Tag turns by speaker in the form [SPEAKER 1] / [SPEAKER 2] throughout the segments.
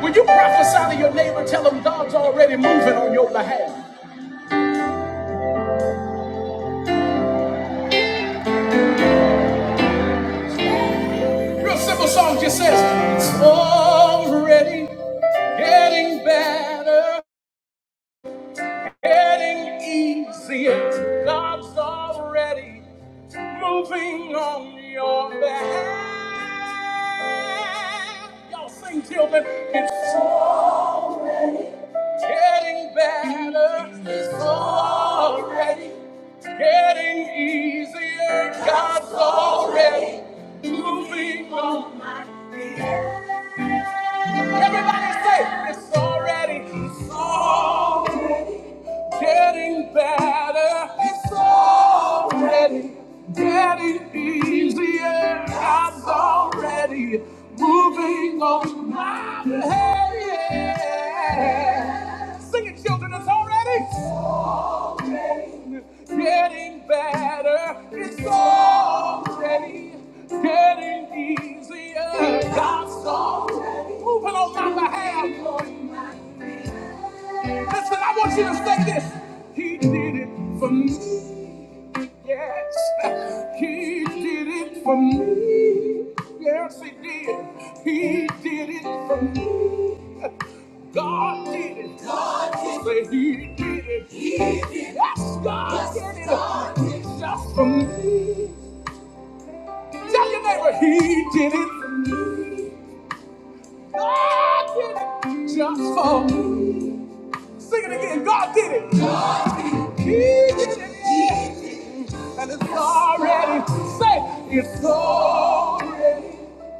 [SPEAKER 1] When you prophesy to your neighbor, tell them God's already moving on your behalf. Real simple song just says, It's already getting better, getting easier. God's already moving on your behalf. Y'all sing, till children. Getting better is already. Getting easier. God's already moving on my feet. Everybody say it's already. It's already getting better. It's already getting easier. God's already moving on my behalf. Sing it, children. It's already. getting getting better. It's already getting easier. God's already moving on my behalf. Listen, I want you to say this. He did it for me. Yes. He did it for me. Yes, he did. He did it for me. God did it. God did it. Say, He did it. He did it. Yes, God yes, did it. God did it. Just for me. Tell your neighbor, He did it for me. God did it. Just for me. Sing it again. God did it. It's And it's already, say, it's already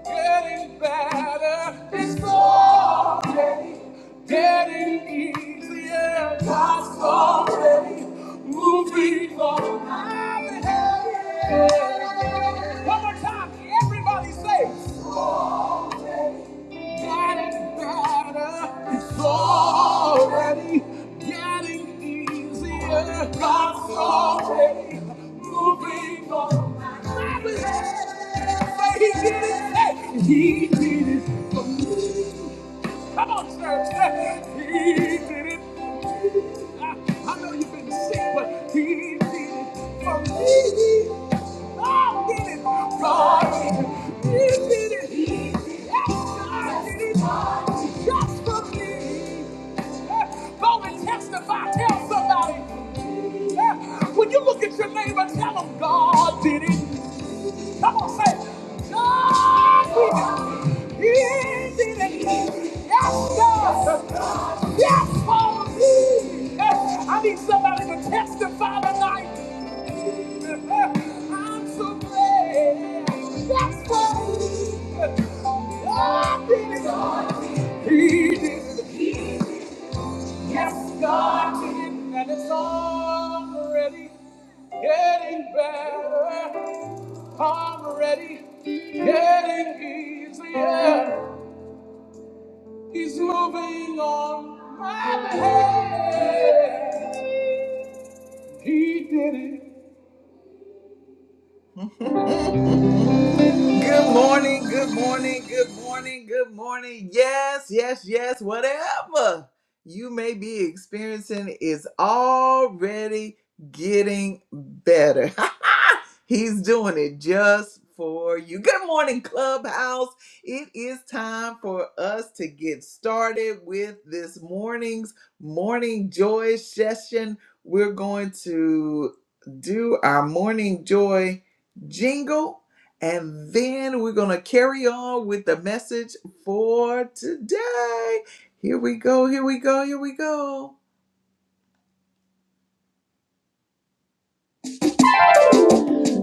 [SPEAKER 1] getting better. It's already getting easier. God's already moving on my behalf. One more time, everybody say, Getting better. It's already getting easier. God's already moving on my behalf. He did it. He did it for me. Come on, church. He did it. I, I know you've been sick, but he did it for me. God did it. God did it. He did it. Yes, God did it. Just for me. Go and testify. Tell somebody. When you look at your neighbor, tell them God did it. Come on, say it. God, He is in it. Yes, God. Yes, Lord. I need somebody to testify tonight. I'm so glad. Yes, Lord. God did it. He did it. Yes, God did it. And it's already getting better. I'm ready, getting easier. He's moving on my behalf. He did it. Good morning, good morning, good morning, good morning. Yes, yes, yes, whatever you may be experiencing is already getting better. He's doing it just for you. Good morning, Clubhouse. It is time for us to get started with this morning's morning joy session. We're going to do our morning joy jingle and then we're going to carry on with the message for today. Here we go, here we go, here we go.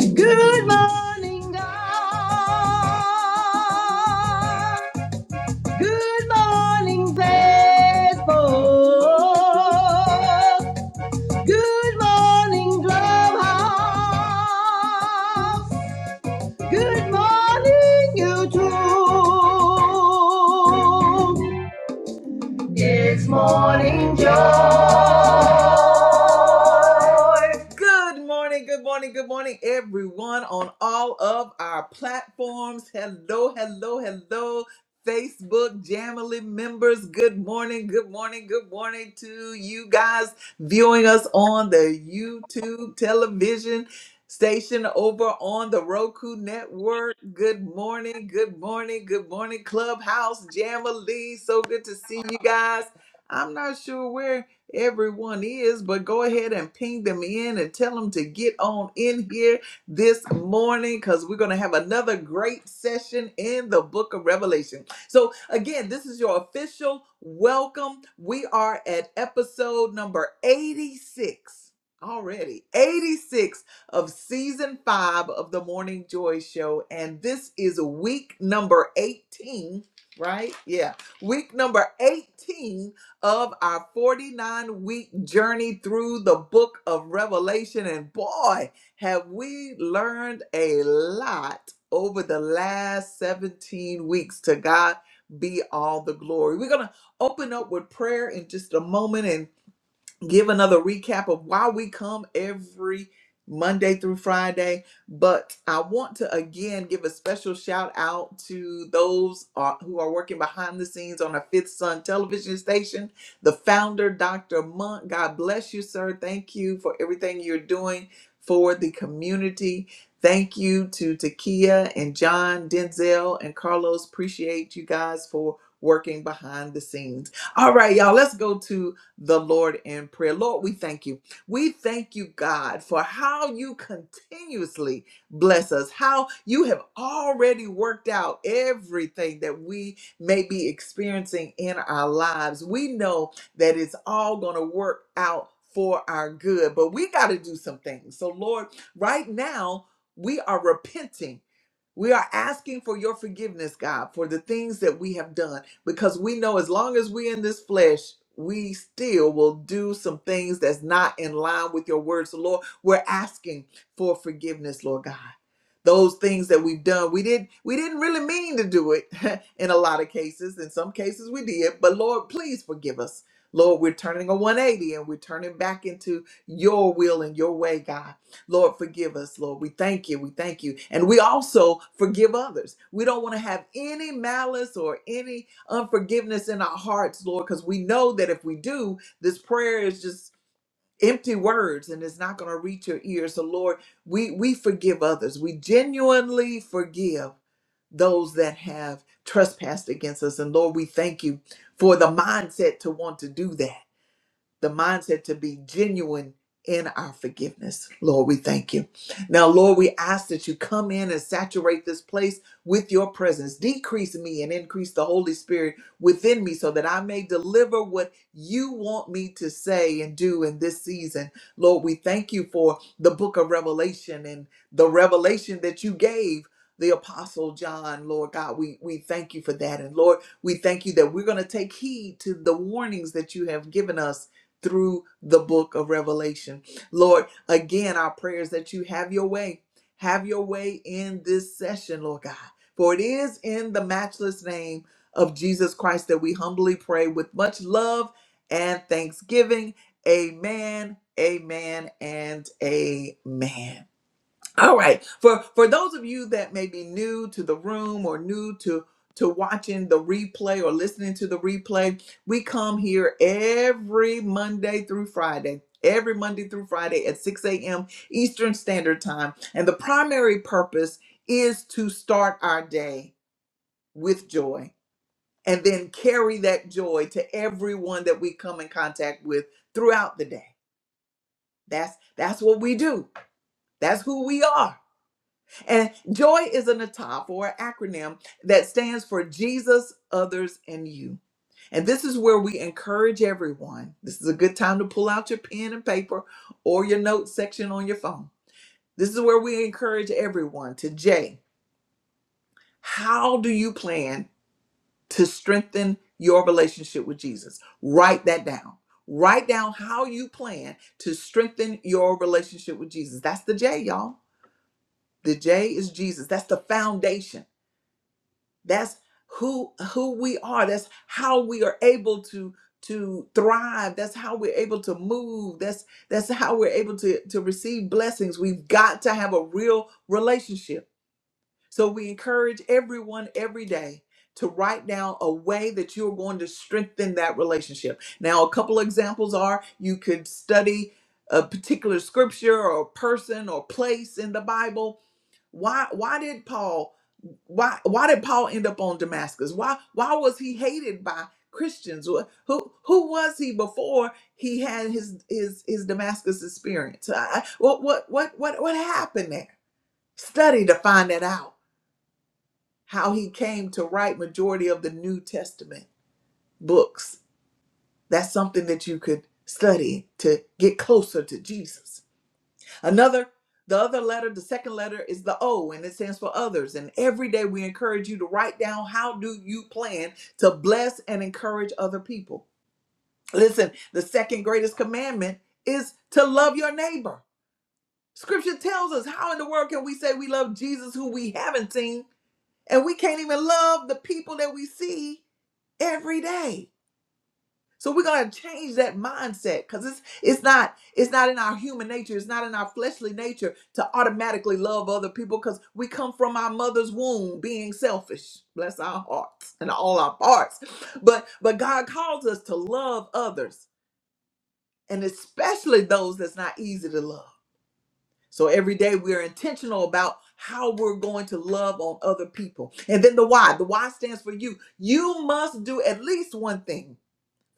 [SPEAKER 1] Good morning, God. Good morning, Facebook. Good morning, Clubhouse. Good morning, YouTube. It's morning, joy. Good morning, good morning, good morning, everyone on all of our platforms. Hello, hello, hello, Facebook Jamily members. Good morning, good morning, good morning to you guys viewing us on the YouTube television station over on the Roku network. Good morning, good morning, good morning, Clubhouse Jamily. So good to see you guys. I'm not sure where. Everyone is, but go ahead and ping them in and tell them to get on in here this morning because we're going to have another great session in the book of Revelation. So, again, this is your official welcome. We are at episode number 86 already, 86 of season five of the Morning Joy Show. And this is week number 18, right? Yeah, week number 18 of our 49 week journey through the book of Revelation. And boy, have we learned a lot over the last 17 weeks. To God be all the glory. We're going to open up with prayer in just a moment. and give another recap of why we come every Monday through Friday. But I want to again give a special shout out to those uh, who are working behind the scenes on a Fifth Sun television station. The founder, Dr. Monk, God bless you, sir. Thank you for everything you're doing for the community. Thank you to Takia and John, Denzel, and Carlos. Appreciate you guys for working behind the scenes. All right, y'all, let's go to the Lord in prayer. Lord, we thank you. We thank you, God, for how you continuously bless us, how you have already worked out everything that we may be experiencing in our lives. We know that it's all going to work out for our good, but we got to do some things. So, Lord, right now, we are repenting we are asking for your forgiveness, God, for the things that we have done, because we know as long as we're in this flesh, we still will do some things that's not in line with your words. So, Lord, we're asking for forgiveness, Lord God. Those things that we've done, we did not we didn't really mean to do it in a lot of cases. In some cases we did, but Lord, please forgive us. Lord, we're turning a 180 and we're turning back into your will and your way, God. Lord, forgive us, Lord. We thank you. We thank you. And we also forgive others. We don't want to have any malice or any unforgiveness in our hearts, Lord, because we know that if we do, this prayer is just empty words and it's not going to reach your ears. So, Lord, we, we forgive others. We genuinely forgive those that have trespassed against us. And Lord, we thank you for the mindset to want to do that the mindset to be genuine in our forgiveness. Lord, we thank you. Now, Lord, we ask that you come in and saturate this place with your presence. Decrease me and increase the Holy Spirit within me so that I may deliver what you want me to say and do in this season. Lord, we thank you for the book of Revelation and the revelation that you gave. The Apostle John, Lord God, we, we thank you for that. And Lord, we thank you that we're going to take heed to the warnings that you have given us through the book of Revelation. Lord, again, our prayers that you have your way. Have your way in this session, Lord God. For it is in the matchless name of Jesus Christ that we humbly pray with much love and thanksgiving. Amen, amen, and amen. All right. For for those of you that may be new to the room or new to to watching the replay or listening to the replay, we come here every Monday through Friday. Every Monday through Friday at 6 a.m. Eastern Standard Time. And the primary purpose is to start our day with joy and then carry that joy to everyone that we come in contact with throughout the day. That's that's what we do. That's who we are. And joy is an atop or an acronym that stands for Jesus, others, and you. And this is where we encourage everyone. This is a good time to pull out your pen and paper or your notes section on your phone. This is where we encourage everyone to J. how do you plan to strengthen your relationship with Jesus? Write that down. Write down how you plan to strengthen your relationship with Jesus. That's the J, y'all. The J is Jesus. That's the foundation that's who who we are that's how we are able to to thrive that's how we're able to move that's that's how we're able to to receive blessings we've got to have a real relationship so we encourage everyone every day to write down a way that you're going to strengthen that relationship now a couple of examples are you could study a particular scripture or person or place in the bible why why did Paul why why did Paul end up on Damascus? Why why was he hated by Christians? Who who who was he before he had his his his Damascus experience? I- I- what what what what what happened there? Study to find that out. How he came to write majority of the New Testament books. That's something that you could study to get closer to Jesus. Another, the other letter, the second letter is the O and it stands for others. And every day we encourage you to write down how do you plan to bless and encourage other people. Listen, the second greatest commandment is to love your neighbor. Scripture tells us how in the world can we say we love Jesus who we haven't seen and we can't even love the people that we see every day. So we're gonna change that mindset because it's it's not it's not in our human nature, it's not in our fleshly nature to automatically love other people because we come from our mother's womb being selfish. Bless our hearts and all our parts. But but God calls us to love others and especially those that's not easy to love. So every day we're intentional about how we're going to love on other people. And then the why. The why stands for you. You must do at least one thing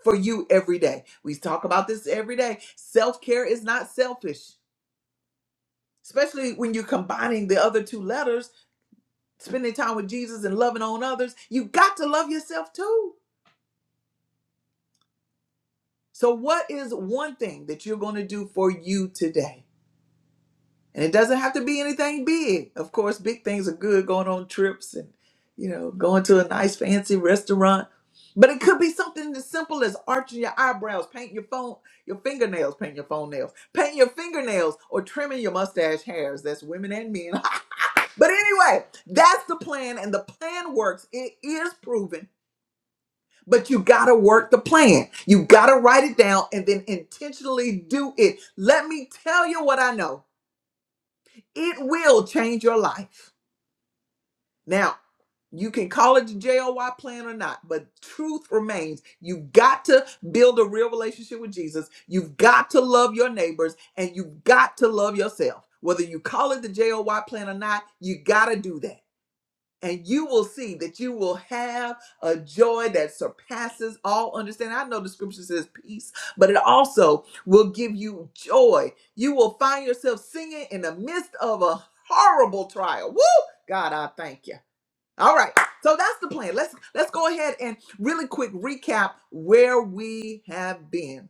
[SPEAKER 1] for you every day. We talk about this every day. Self care is not selfish, especially when you're combining the other two letters, spending time with Jesus and loving on others. You got to love yourself too. So, what is one thing that you're going to do for you today? And it doesn't have to be anything big. Of course, big things are good going on trips and, you know, going to a nice fancy restaurant. But it could be something as simple as arching your eyebrows, painting your phone, your fingernails, painting your phone nails, painting your fingernails, or trimming your mustache hairs. That's women and men. but anyway, that's the plan, and the plan works. It is proven, but you gotta work the plan. You gotta write it down and then intentionally do it. Let me tell you what I know. It will change your life. Now, you can call it the JOY plan or not, but truth remains. You've got to build a real relationship with Jesus. You've got to love your neighbors and you've got to love yourself. Whether you call it the JOY plan or not, you got to do that and you will see that you will have a joy that surpasses all understanding. I know the scripture says peace, but it also will give you joy. You will find yourself singing in the midst of a horrible trial. Woo! God, I thank you. All right. So that's the plan. Let's let's go ahead and really quick recap where we have been.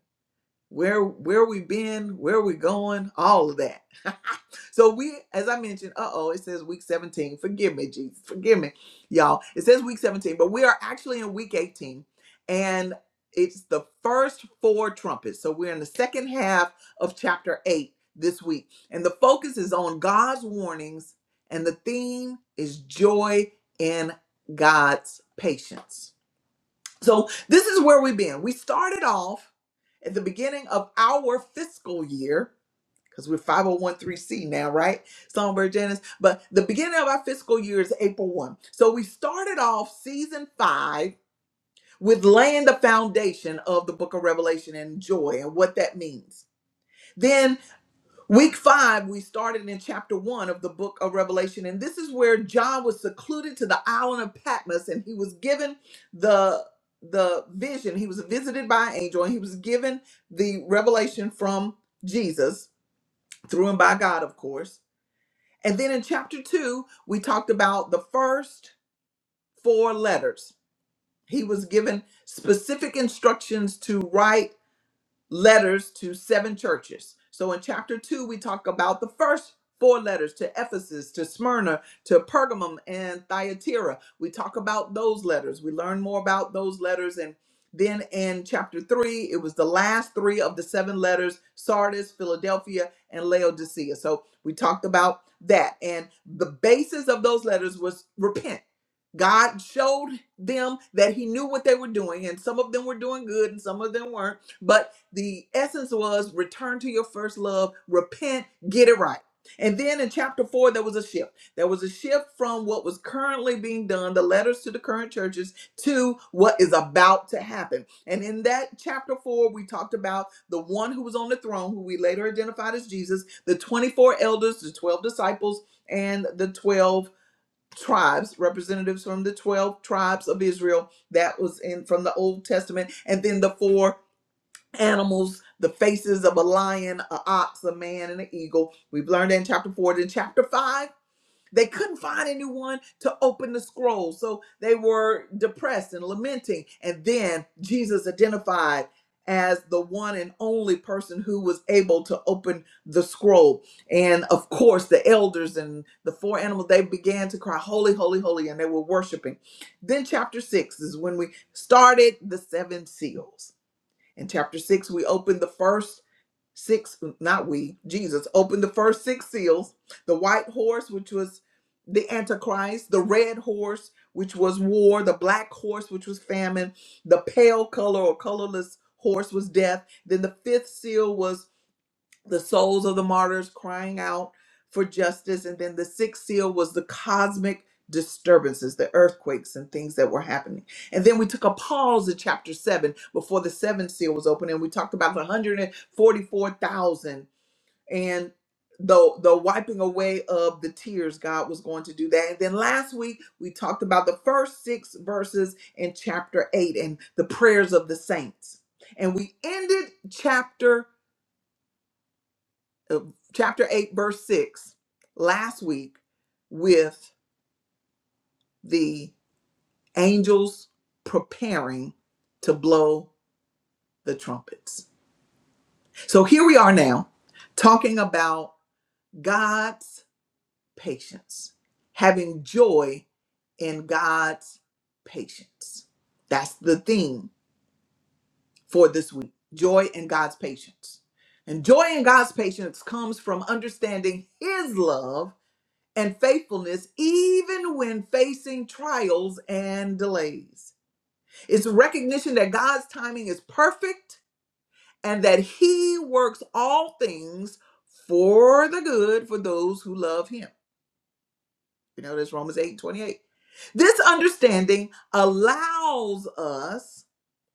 [SPEAKER 1] Where where we've been, where we're going, all of that. So we, as I mentioned, uh-oh, it says week 17. Forgive me, Jesus. Forgive me, y'all. It says week 17, but we are actually in week 18. And it's the first four trumpets. So we're in the second half of chapter 8 this week. And the focus is on God's warnings, and the theme is joy in God's patience. So this is where we've been. We started off at the beginning of our fiscal year because we're 501c now, right? Songbird Janice. But the beginning of our fiscal year is April 1. So we started off season five with laying the foundation of the book of Revelation and joy and what that means. Then week five, we started in chapter one of the book of Revelation. And this is where John was secluded to the island of Patmos and he was given the the vision. He was visited by an angel and he was given the revelation from Jesus through and by God, of course and then in chapter two, we talked about the first four letters. He was given specific instructions to write letters to seven churches. So in chapter two, we talk about the first four letters to Ephesus, to Smyrna, to Pergamum, and Thyatira. We talk about those letters. We learn more about those letters. And then in chapter three, it was the last three of the seven letters Sardis, Philadelphia, and Laodicea. So we talked about that. And the basis of those letters was repent. God showed them that He knew what they were doing, and some of them were doing good and some of them weren't. but the essence was return to your first love, repent, get it right. And then in chapter four, there was a shift. There was a shift from what was currently being done, the letters to the current churches, to what is about to happen. And in that chapter four, we talked about the one who was on the throne, who we later identified as Jesus, the 24 elders, the 12 disciples, and the 12 tribes, representatives from the 12 tribes of Israel. That was in from the Old Testament. And then the four animals, the faces of a lion, a ox, a man, and an eagle. We've learned that in chapter four. Then chapter five, they couldn't find anyone to open the scroll. So they were depressed and lamenting. And then Jesus identified as the one and only person who was able to open the scroll. And of course, the elders and the four animals, they began to cry, Holy, holy, holy, and they were worshiping. Then chapter six is when we started the seven seals in chapter six, we opened the first six, not we, Jesus opened the first six seals the white horse, which was the Antichrist, the red horse, which was war, the black horse, which was famine, the pale color or colorless horse was death. Then the fifth seal was the souls of the martyrs crying out for justice. And then the sixth seal was the cosmic disturbances, the earthquakes and things that were happening. And then we took a pause at chapter seven before the seventh seal was opened, and we talked about the 144,000 and the the wiping away of the tears god was going to do that and then last week we talked about the first six verses in chapter 8 and the prayers of the saints and we ended chapter uh, chapter 8, verse 6, last week with the angels preparing to blow the trumpets. So here we are now talking about God's patience, having joy in God's patience. That's the theme for this week joy in God's patience. And joy in God's patience comes from understanding His love and faithfulness even when facing trials and delays. It's recognition that God's timing is perfect and that He works all things for the good for those who love Him. You know, that's Romans 8 28. This understanding allows us,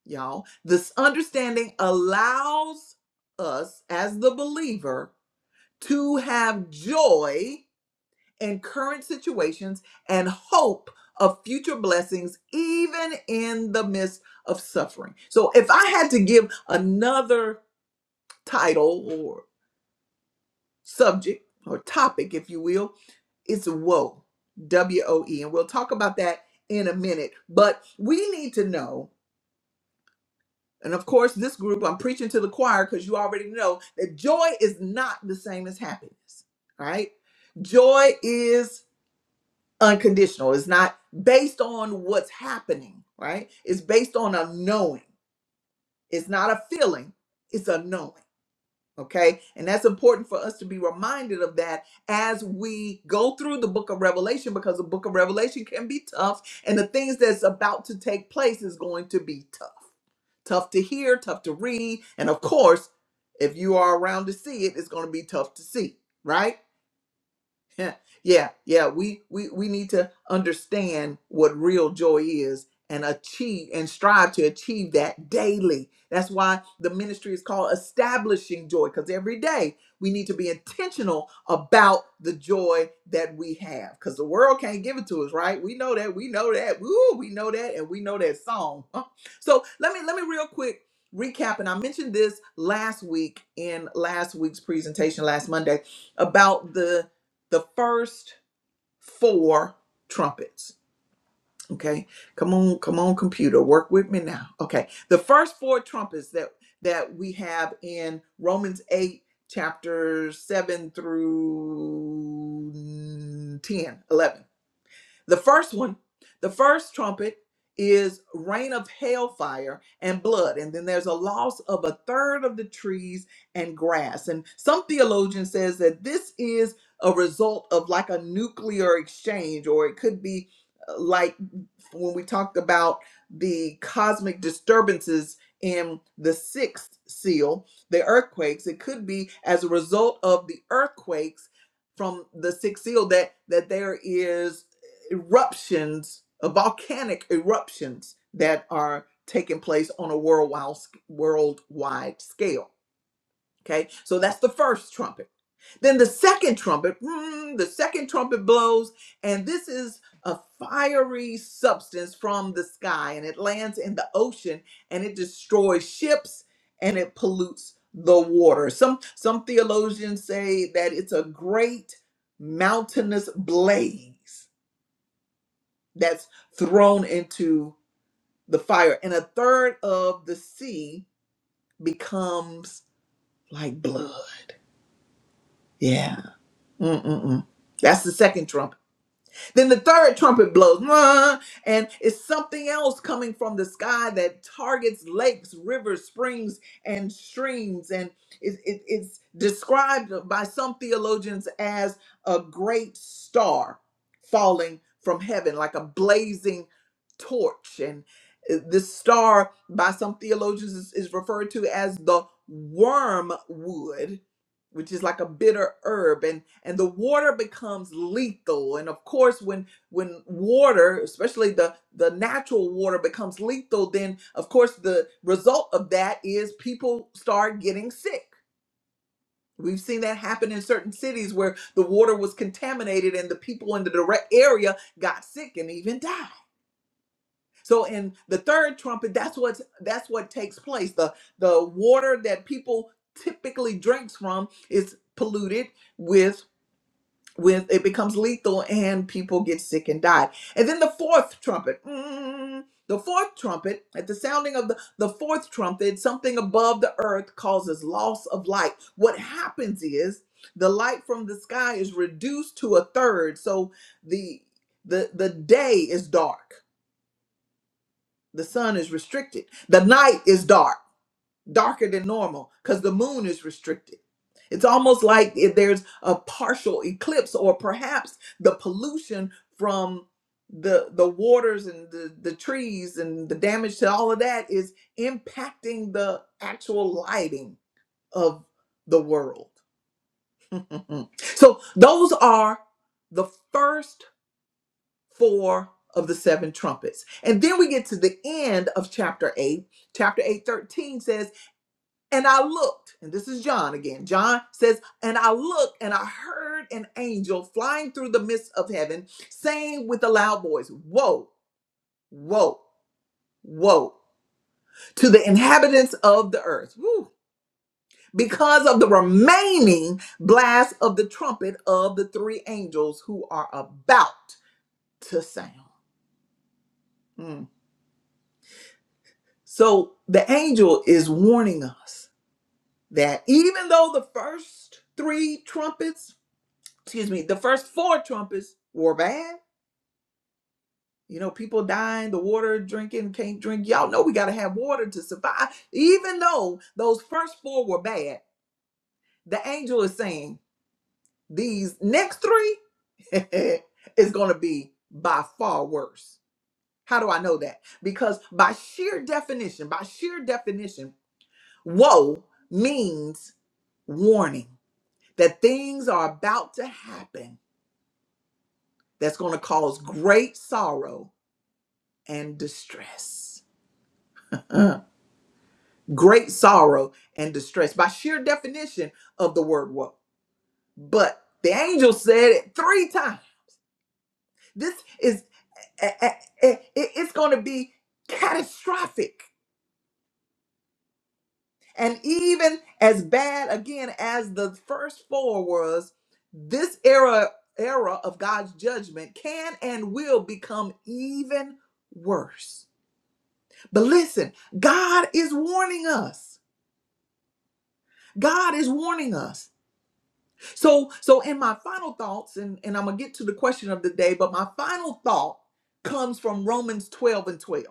[SPEAKER 1] y'all, this understanding allows us as the believer to have joy in current situations and hope of future blessings, even in the midst of suffering. So, if I had to give another title or subject or topic, if you will, it's woe, W O E. And we'll talk about that in a minute. But we need to know, and of course, this group, I'm preaching to the choir because you already know that joy is not the same as happiness, right? Joy is unconditional. It's not based on what's happening, right? It's based on a knowing. It's not a feeling, it's a knowing. Okay. And that's important for us to be reminded of that as we go through the book of Revelation, because the book of Revelation can be tough. And the things that's about to take place is going to be tough. Tough to hear, tough to read. And of course, if you are around to see it, it's going to be tough to see, right? Yeah, yeah, yeah. We we we need to understand what real joy is and achieve and strive to achieve that daily. That's why the ministry is called establishing joy because every day we need to be intentional about the joy that we have because the world can't give it to us, right? We know that. We know that. Woo, we know that, and we know that song. Huh. So let me let me real quick recap, and I mentioned this last week in last week's presentation last Monday about the the first four trumpets. Okay, come on, come on, computer, work with me now. Okay, the first four trumpets that that we have in Romans eight, chapters seven through 10, eleven. The first one, the first trumpet is rain of hailfire and blood. And then there's a loss of a third of the trees and grass. And some theologian says that this is a result of like a nuclear exchange, or it could be uh, like when we talked about the cosmic disturbances in the sixth seal, the earthquakes, it could be as a result of the earthquakes from the sixth seal that that there is eruptions, uh, volcanic eruptions that are taking place on a worldwide worldwide scale. Okay, so that's the first trumpet. Then the second trumpet, mm, the second trumpet blows, and this is a fiery substance from the sky, and it lands in the ocean, and it destroys ships, and it pollutes the water. Some some theologians say that it's a great mountainous blaze that's thrown into the fire, and a third of the sea becomes like blood. Yeah Mm-mm-mm. That's the second trumpet. Then the third trumpet blows, "Mwah," and it's something else coming from the sky that targets lakes, rivers, springs, and streams. And it- it- it's described by some theologians as a great star falling from heaven, like a blazing torch. And uh, this star, by some theologians, is, is referred to as the wormwood which is like a bitter herb and and the water becomes lethal and of course when when water especially the the natural water becomes lethal then of course the result of that is people start getting sick we've seen that happen in certain cities where the water was contaminated and the people in the direct area got sick and even died so in the third trumpet that's what that's what takes place the the water that people typically drinks from is polluted with with it becomes lethal and people get sick and die. And then the fourth trumpet, mm, the fourth trumpet, at the sounding of the, the fourth trumpet, something above the earth causes loss of light. What happens is the light from the sky is reduced to a third, so the the the day is dark. The sun is restricted. The night is dark darker than normal because the moon is restricted. It's almost like if there's a partial eclipse, or perhaps the pollution from the the waters and the, the trees and the damage to all of that is impacting the actual lighting of the world. Mhm. so those are the first four of the seven trumpets. And then we get to the end of chapter 8. Chapter eight thirteen and I looked, and this is John again. John says, And I looked, and I heard an angel flying through the midst of heaven, saying with a loud voice, Woe, woe, woe, to the inhabitants of the earth, whew, because of the remaining blast of the trumpet of the three angels who are about to sound. Mm. So the angel is warning us that even though the first three trumpets excuse me, the first four trumpets were bad. You know, people dying, the water drinking, can't drink. Y'all know we got to have water to survive. Even though those first four were bad, the angel is saying these next three is going to be by far worse. How do I know that? Because by sheer definition, by sheer definition, woe means warning that things are about to happen that's going to cause great sorrow and distress. Uh, great sorrow and distress by sheer definition of the word woe. But the angel said it three times. This is, a- a- a- it- it's going to be catastrophic. And even as bad again as the first four was, this era era of God's judgment can and will become even worse. But listen, God is warning us. God is warning us. So, so in my final thoughts, and, and I'm gonna get to the question of the day, but my final thought comes from Romans 12 and 12.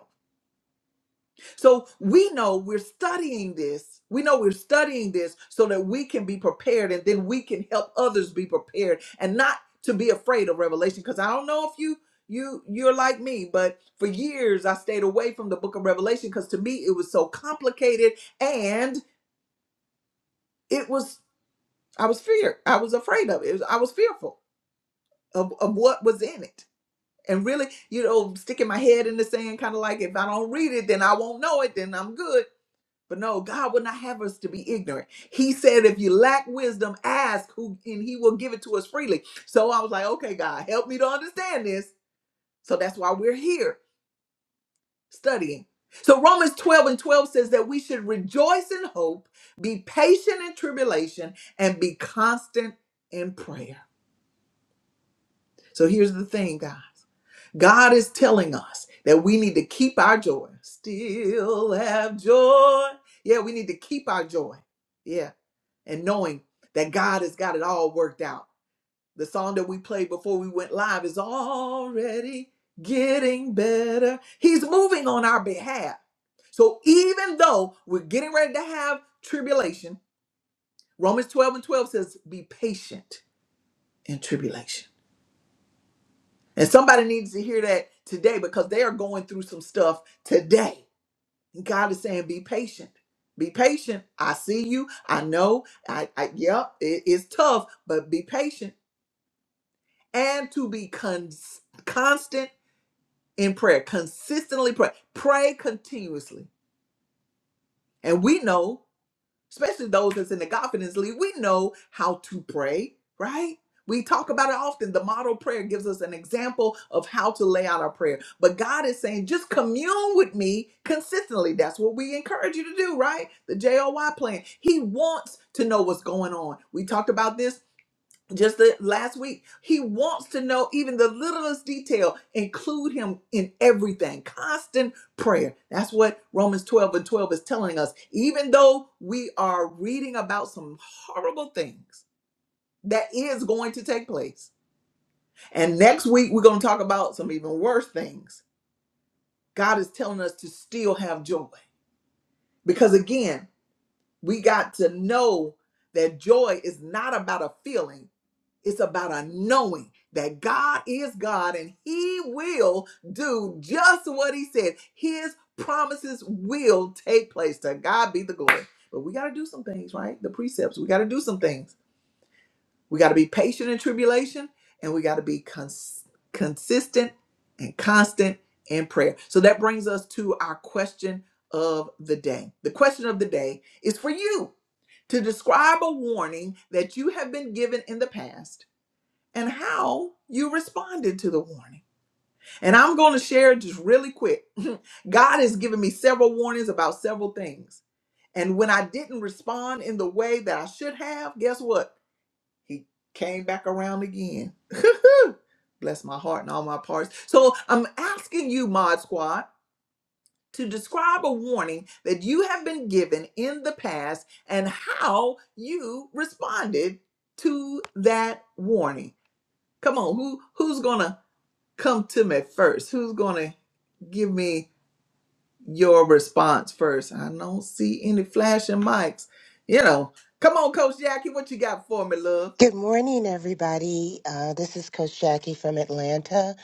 [SPEAKER 1] So we know we're studying this. We know we're studying this so that we can be prepared and then we can help others be prepared and not to be afraid of revelation. Because I don't know if you you you're like me, but for years I stayed away from the book of Revelation because to me it was so complicated and it was I was feared. I was afraid of it. It was- I was fearful. of, of what was in it and really you know sticking my head in the sand kind of like if i don't read it then i won't know it then i'm good but no god would not have us to be ignorant he said if you lack wisdom ask who and he will give it to us freely so i was like okay god help me to understand this so that's why we're here studying so romans 12 and 12 says that we should rejoice in hope be patient in tribulation and be constant in prayer so here's the thing god God is telling us that we need to keep our joy. Still have joy. Yeah, we need to keep our joy. Yeah. And knowing that God has got it all worked out. The song that we played before we went live is already getting better. He's moving on our behalf. So even though we're getting ready to have tribulation, Romans 12 and 12 says, be patient in tribulation And somebody needs to hear that today because they are going through some stuff today. And God is saying, be patient. Be patient. I see you. I know. I, I yep, it is tough, but be patient and to be cons- constant in prayer, consistently pray. Pray continuously. And we know especially those that's in the Godfidence League, we know how to pray, right? We talk about it often. The model prayer gives us an example of how to lay out our prayer. But God is saying, just commune with me consistently. That's what we encourage you to do, right? The JOY plan. He wants to know what's going on. We talked about this just the last week he wants to know even the littlest detail include him in everything constant prayer that's what romans 12 and 12 is telling us even though we are reading about some horrible things that is going to take place and next week we're going to talk about some even worse things god is telling us to still have joy because again we got to know that joy is not about a feeling It's about a knowing that God is God and He will do just what He said. His promises will take place. To God be the glory. But we got to do some things, right? The precepts. We got to do some things. We got to be patient in tribulation and we got to be cons- consistent and constant in prayer. So that brings us to our question of the day. The question of the day is for you to describe a warning that you have been given in the past and how you responded to the warning. And I'm going to share just really quick. God has given me several warnings about several things. And when I didn't respond in the way that I should have, guess what? He came back around again. Bless my heart and all my parts. So I'm asking you, Mod Squad, to describe a warning that you have been given in the past and how you responded to that warning. Come on, who who's gonna come to me first? Who's going to give me your response first? I don't see any flashing mics. You know, come on, Coach Jackie, what you got for me, love?
[SPEAKER 2] Good morning, everybody. Uh, this is Coach Jackie from Atlanta.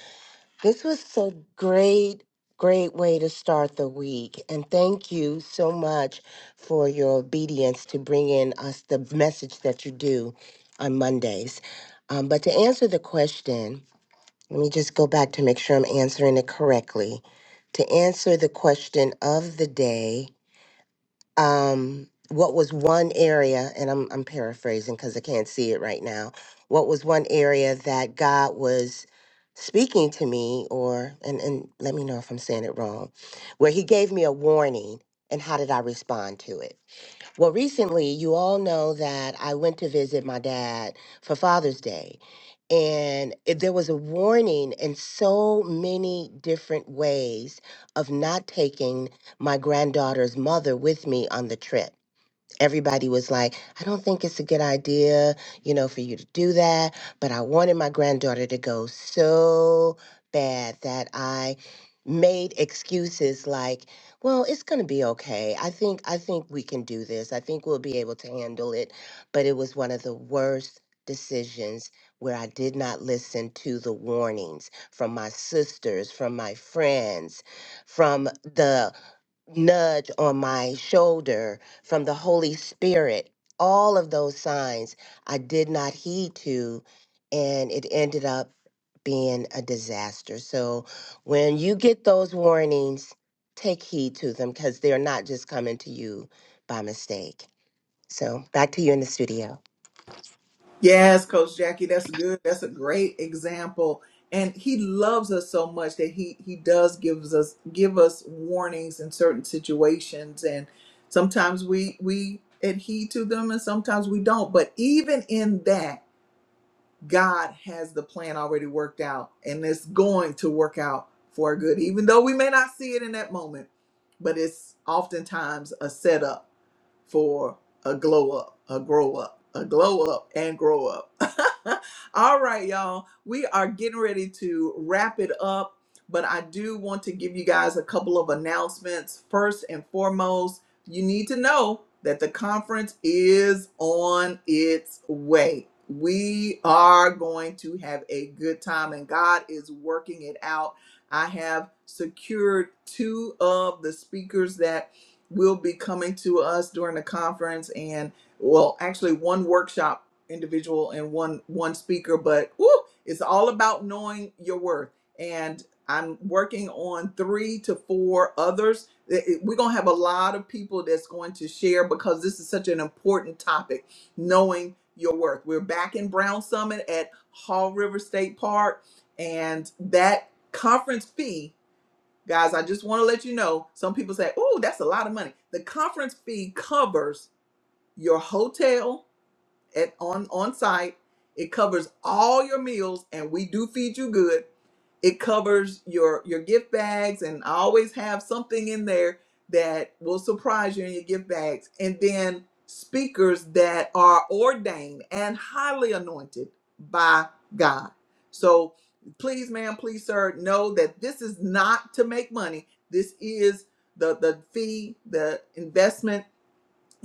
[SPEAKER 2] This was a great, great way to start the week. And thank you so much for your obedience to bring in us the message that you do on Mondays. Um, but to answer the question, let me just go back to make sure I'm answering it correctly. To answer the question of the day, um, what was one area, and I'm, I'm paraphrasing because I can't see it right now, what was one area that God was speaking to me, or, and, and let me know if I'm saying it wrong, where He gave me a warning, and how did I respond to it? Well, recently, you all know that I went to visit my dad for Father's Day. And it- there was a warning in so many different ways of not taking my granddaughter's mother with me on the trip everybody was like, I don't think it's a good idea, you know, for you to do that. But I wanted my granddaughter to go so bad that I made excuses like, well, it's going to be okay. I think I think we can do this. I think we'll be able to handle it. But it was one of the worst decisions where I did not listen to the warnings from my sisters, from my friends, from the nudge on my shoulder from the Holy Spirit. All of those signs I did not heed to, and it ended up being a disaster. So when you get those warnings, take heed to them because they're not just coming to you by mistake. So back to you in the studio.
[SPEAKER 1] Yes, Coach Jackie, that's good. That's a great example. And he loves us so much that he he does gives us give us warnings in certain situations, and sometimes we we adhere to them, and sometimes we don't. But even in that God has the plan already worked out and it's going to work out for our good, even though we may not see it in that moment, but it's oftentimes a setup for a glow up, a grow up, a glow up and grow up. All right, y'all. We are getting ready to wrap it up, but I do want to give you guys a couple of announcements. First and foremost, you need to know that the conference is on its way. We are going to have a good time, and God is working it out. I have secured two of the speakers that will be coming to us during the conference and well actually one workshop individual and one one speaker but woo, it's all about knowing your worth and i'm working on three to four others It- it- we're going to have a lot of people that's going to share because this is such an important topic knowing your worth we're back in brown summit at hall river state park and that conference fee Guys, I just want to let you know some people say, oh, that's a lot of money. The conference fee covers your hotel at on, on site, it covers all your meals, and we do feed you good it covers your your gift bags and I always have something in there that will surprise you in your gift bags and then speakers that are ordained and highly anointed by God. So please ma'am, please sir, know that this is not to make money. This is the the fee, the investment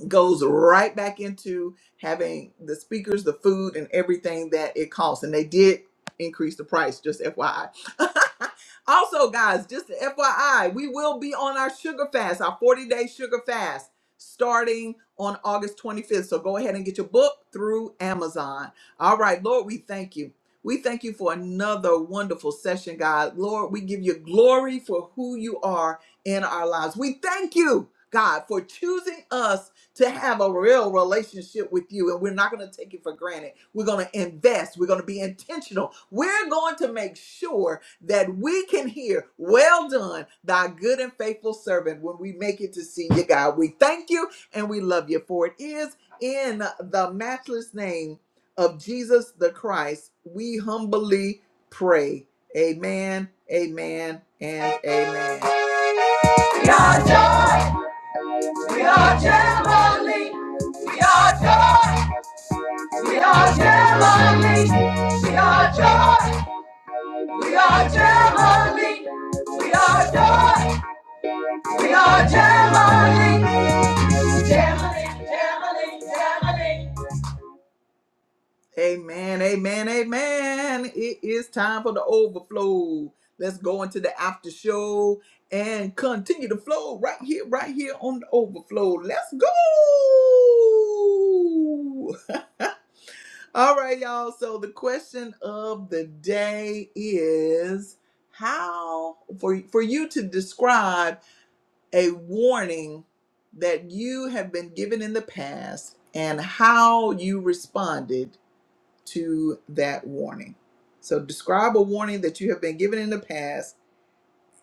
[SPEAKER 1] goes right back into having the speakers, the food, and everything that it costs. And they did increase the price, just FYI. also, guys, just FYI, we will be on our sugar fast, our 40 day sugar fast, starting on August 25th. So go ahead and get your book through Amazon. All right, Lord, we thank you. We thank you for another wonderful session, God. Lord, we give you glory for who you are in our lives. We thank you, God, for choosing us to have a real relationship with you and we're not going to take it for granted we're going to invest we're going to be intentional we're going to make sure that we can hear well done thy good and faithful servant when we make it to see you god we thank you and we love you for it is in the matchless name of jesus the christ we humbly pray amen amen and amen we are joy we are jubilee we are joy. We are Gemini. We are joy. We are Gemini. We are joy. We are Gemini. Gemini. Gemini. Gemini. Amen. Amen. Amen. It is time for the overflow. Let's go into the after show and continue to flow right here, right here on the overflow. Let's go. All right, y'all. So the question of the day is how for for you to describe a warning that you have been given in the past and how you responded to that warning. So describe a warning that you have been given in the past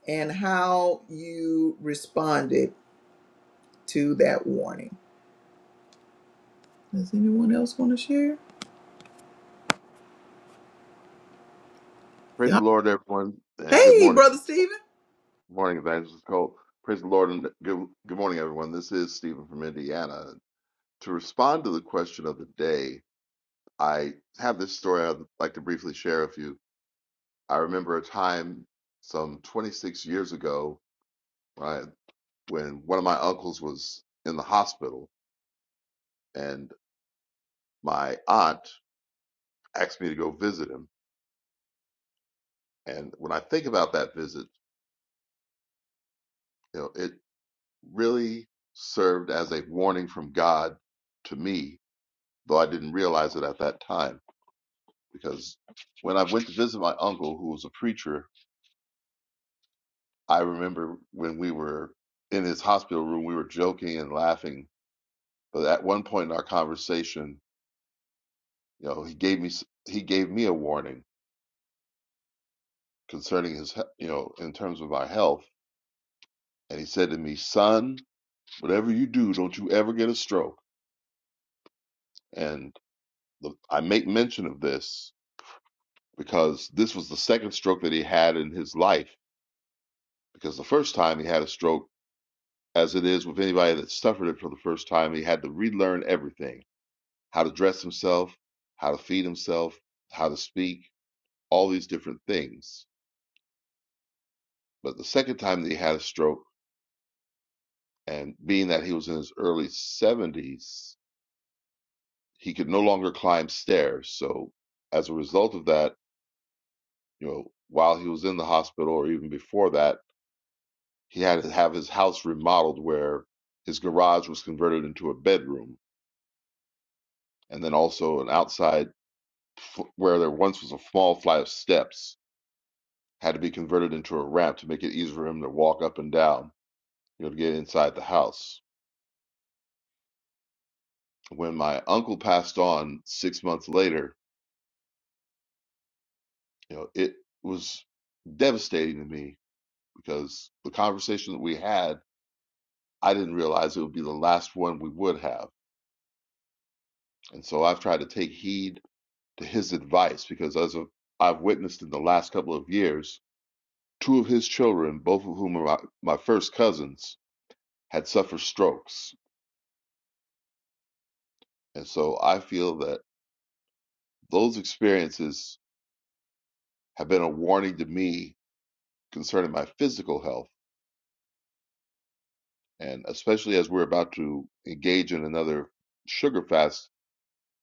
[SPEAKER 1] and how you responded to that warning. Does anyone else want to share?
[SPEAKER 3] Praise the
[SPEAKER 1] Yeah.
[SPEAKER 3] Lord, everyone, and good
[SPEAKER 1] Hey,
[SPEAKER 3] morning.
[SPEAKER 1] brother
[SPEAKER 3] Good
[SPEAKER 1] Steven.
[SPEAKER 3] morning, Evangelist Cole. Praise the Lord, and good, good morning, everyone. This is Stephen from Indiana. To respond to the question of the day, I have this story I'd like to briefly share with you. I remember a time some 26 years ago when, when one of my uncles was in the hospital, and my aunt asked me to go visit him. And when I think about that visit, you know, it really served as a warning from God to me though I didn't realize it at that time. Because when I went to visit my uncle, who was a preacher, I remember when we were in his hospital room, we were joking and laughing. But at one point in our conversation, you know, he gave me he gave me a warning concerning his, you know, in terms of our health, and he said to me, "Son, whatever you do, don't you ever get a stroke." And the, I make mention of this because this was the second stroke that he had in his life. Because the first time he had a stroke as it is with anybody that suffered it for the first time. He had to relearn everything how to dress himself, how to feed himself, how to speak, all these different things. But the second time that he had a stroke, and being that he was in his early 70s, he could no longer climb stairs. So, as a result of that, you know, while he was in the hospital or even before that, he had to have his house remodeled where his garage was converted into a bedroom and then also an outside f- where there once was a small flight of steps had to be converted into a ramp to make it easier for him to walk up and down, you know, to get inside the house. When my uncle passed on six months later, you know, it was devastating to me because the conversation that we had, I didn't realize it would be the last one we would have. And so I've tried to take heed to his advice because as of, I've witnessed in the last couple of years, two of his children, both of whom are my, my first cousins, had suffered strokes And so I feel that those experiences have been a warning to me concerning my physical health. And especially as we're about to engage in another sugar fast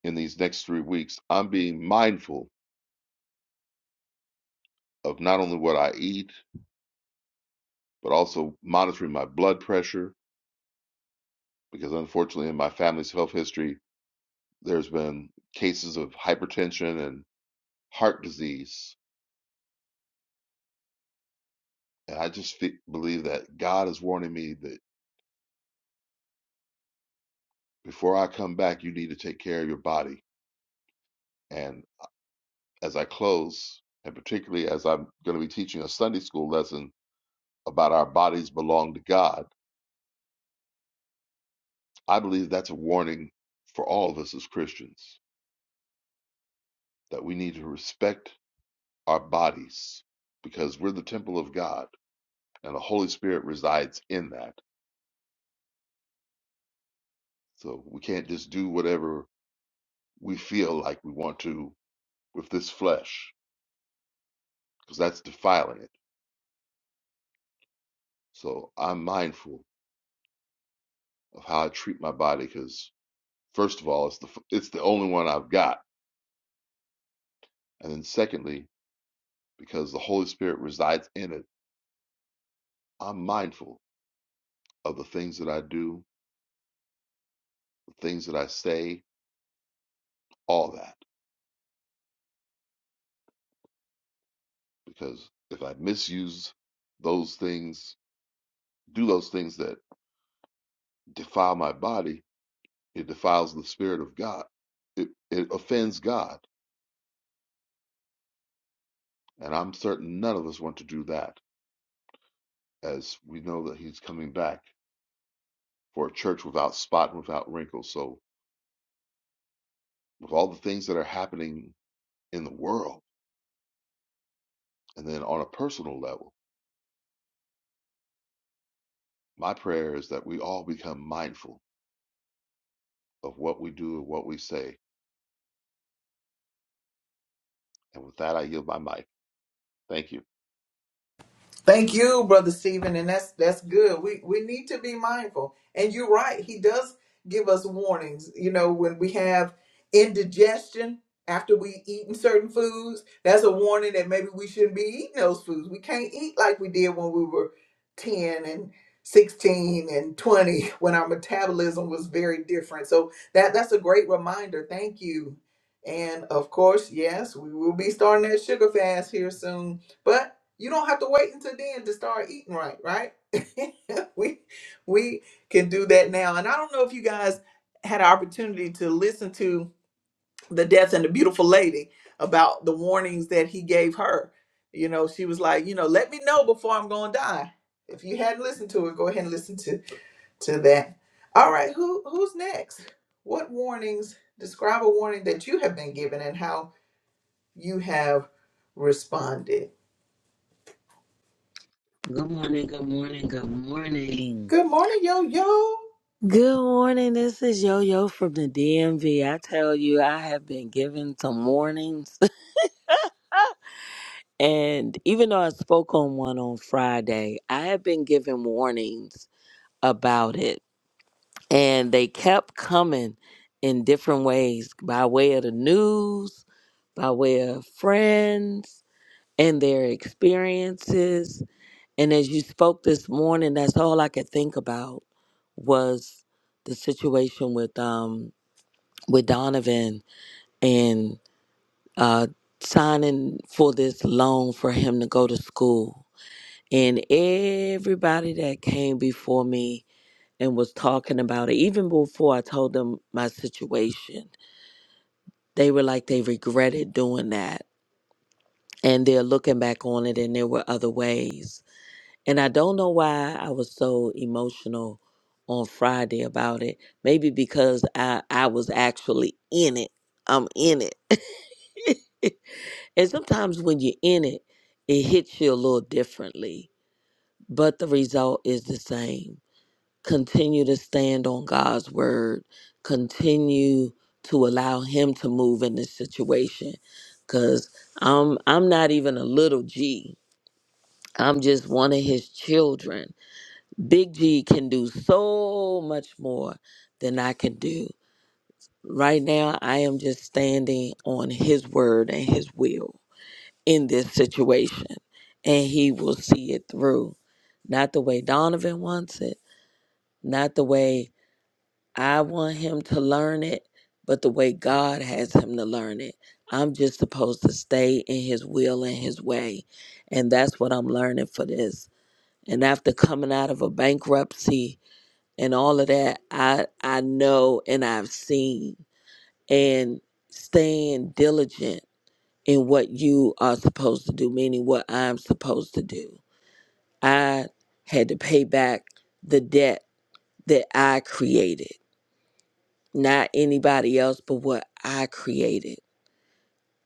[SPEAKER 3] in these next three weeks, I'm being mindful of not only what I eat, but also monitoring my blood pressure. Because unfortunately, in my family's health history, there's been cases of hypertension and heart disease. And I just fe believe that God is warning me that before I come back, you need to take care of your body And as I close, and particularly as I'm going to be teaching a Sunday school lesson about our bodies belong to God, I believe that's a warning for all of us as Christians that we need to respect our bodies because we're the temple of God and the Holy Spirit resides in that. So we can't just do whatever we feel like we want to with this flesh because that's defiling it. So I'm mindful of how I treat my body because first of all, it's the it's the only one I've got And then, secondly, because the Holy Spirit resides in it, I'm mindful of the things that I do, the things that I say, all that. Because if I misuse those things, do those things that defile my body, it defiles the Spirit of God. It, it offends God. And I'm certain none of us want to do that, as we know that He's coming back for a church without spot and without wrinkle. So, with all the things that are happening in the world, and then on a personal level, My prayer is that we all become mindful of what we do and what we say. And with that, I yield my mic. Thank you.
[SPEAKER 1] Thank you, brother Stephen, and that's that's good. We we need to be mindful, and you're right. He does give us warnings. You know, when we have indigestion after we eaten certain foods, that's a warning that maybe we shouldn't be eating those foods. We can't eat like we did when we were ten and sixteen and twenty, when our metabolism was very different. So that that's a great reminder. Thank you, and of course, yes, we will be starting that sugar fast here soon, but. You don't have to wait until then to start eating right, right? we we can do that now. And I don't know if you guys had an opportunity to listen to the death and the beautiful lady about the warnings that he gave her. You know, she was like, you know, let me know before I'm gonna die. If you hadn't listened to it, go ahead and listen to to that. All right, who who's next? What warnings? Describe a warning that you have been given and how you have responded.
[SPEAKER 4] Good morning, good morning, good morning.
[SPEAKER 1] Good morning, yo yo.
[SPEAKER 4] Good morning. This is Yo Yo from the DMV. I tell you, I have been given some warnings. And even though I spoke on one on Friday, I have been given warnings about it. And they kept coming in different ways by way of the news, by way of friends and their experiences. And as you spoke this morning, that's all I could think about was the situation with um with Donovan and uh signing for this loan for him to go to school. And everybody that came before me and was talking about it, even before I told them my situation, they were like they regretted doing that. And they're looking back on it and there were other ways And I don't know why I was so emotional on Friday about it. Maybe because I, I was actually in it. I'm in it. and sometimes when you're in it, it hits you a little differently, but the result is the same. Continue to stand on God's word, continue to allow Him to move in this situation. Because I'm, I'm not even a little G, I'm just one of His children Big G can do so much more than I can do. Right now, I am just standing on his word and his will in this situation, and he will see it through. Not the way Donovan wants it, not the way I want him to learn it, but the way God has him to learn it. I'm just supposed to stay in his will and his way. And that's what I'm learning for this. And after coming out of a bankruptcy, and all of that i i know and i've seen and staying diligent in what you are supposed to do meaning what i'm supposed to do i had to pay back the debt that i created not anybody else but what i created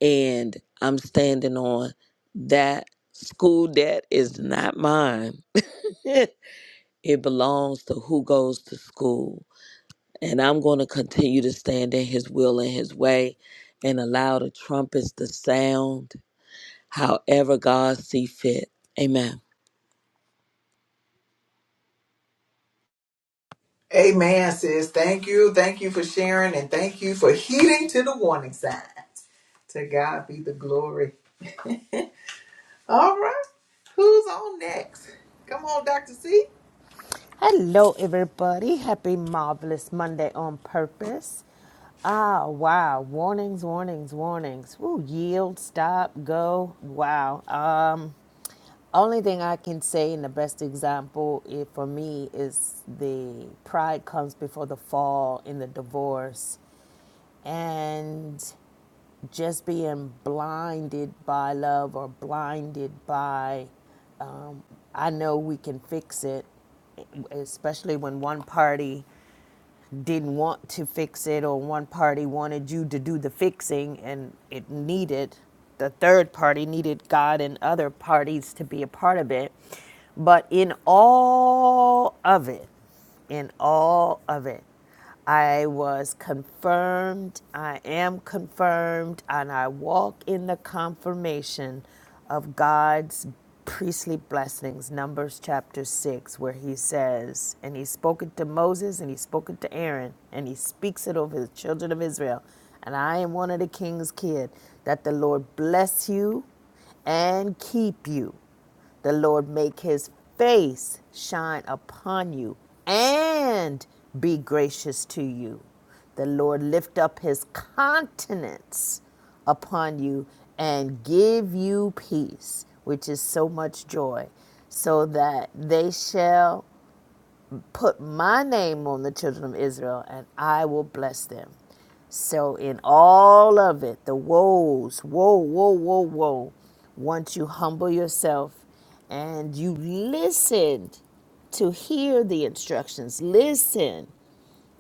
[SPEAKER 4] and i'm standing on that school debt is not mine it belongs to who goes to school And I'm going to continue to stand in his will and his way and allow the trumpets to sound however God see fit. Amen.
[SPEAKER 1] Amen, sis. Thank you. Thank you for sharing and thank you for heeding to the warning signs. To God be the glory. All right. Who's on next? Come on, Dr. C.
[SPEAKER 5] Hello, everybody. Happy Marvelous Monday on Purpose. Ah, wow. Warnings, warnings, warnings. Woo, yield, stop, go. Wow. Um, only thing I can say, in the best example i- for me is the pride comes before the fall in the divorce. And just being blinded by love or blinded by um, i know we can fix it especially when one party didn't want to fix it or one party wanted you to do the fixing and it needed the third party needed god and other parties to be a part of it but in all of it in all of it I was confirmed, I am confirmed, and I walk in the confirmation of God's priestly blessings. Numbers chapter 6, where he says, And he spoke it to Moses, and he spoke it to Aaron, and he speaks it over the children of Israel. And I am one of the king's kid, that the Lord bless you and keep you. The Lord make his face shine upon you and be gracious to you. The Lord lift up his countenance upon you and give you peace, which is so much joy, so that they shall put my name on the children of Israel, and I will bless them. So, in all of it, the woes, woe, woe, woe, woe, once you humble yourself and you listened to hear the instructions, listen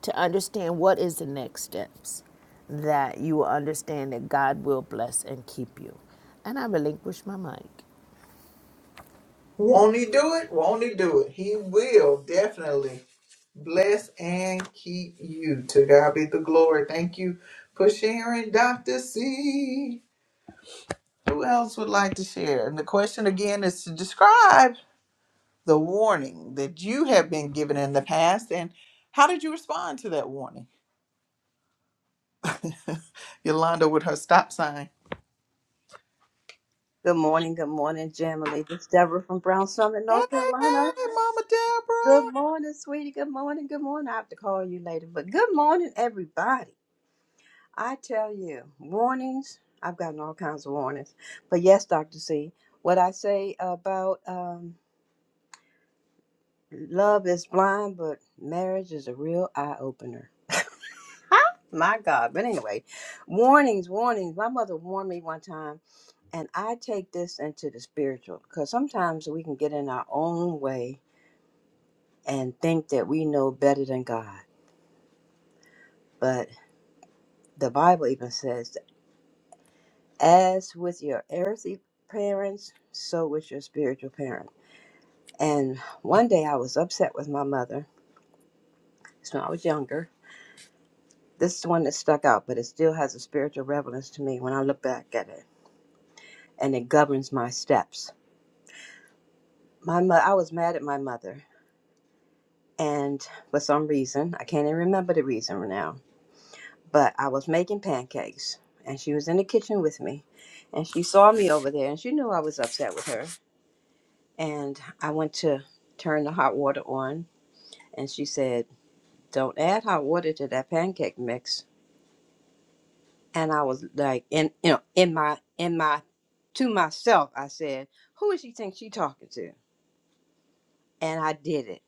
[SPEAKER 5] to understand what is the next steps, that you will understand that God will bless and keep you. And I relinquish my mic.
[SPEAKER 1] Won't he do it? Won't he do it? He will definitely bless and keep you. To God be the glory. Thank you for sharing, Dr. C. Who else would like to share? And the question again is to describe. the warning that you have been given in the past and how did you respond to that warning? Yolanda with her stop sign.
[SPEAKER 6] Good morning, good morning, Jamily. This is Deborah from Brown Summit,
[SPEAKER 1] Hey,
[SPEAKER 6] North
[SPEAKER 1] hey,
[SPEAKER 6] Carolina.
[SPEAKER 1] Mama
[SPEAKER 6] Good
[SPEAKER 1] Deborah.
[SPEAKER 6] morning, sweetie. Good morning, good morning. I have to call you later, but good morning, everybody. I tell you, warnings. I've gotten all kinds of warnings, but yes, Doctor C. What I say about um, love is blind, but marriage is a real eye opener. My God. But anyway, warnings, warnings. My mother warned me one time, and I take this into the spiritual because sometimes we can get in our own way and think that we know better than God. But the Bible even says, as with your earthly parents, so with your spiritual parents. And one day I was upset with my mother. It's when I was younger. This is the one that stuck out, but it still has a spiritual relevance to me when I look back at it, and it governs my steps. My mo- I was mad at my mother, and for some reason, I can't even remember the reason now But I was making pancakes and she was in the kitchen with me and she saw me over there and she knew I was upset with her. And I went to turn the hot water on and she said, Don't add hot water to that pancake mix. And I was like in you know, in my in my to myself, I said, Who does she think she talking to? And I did it.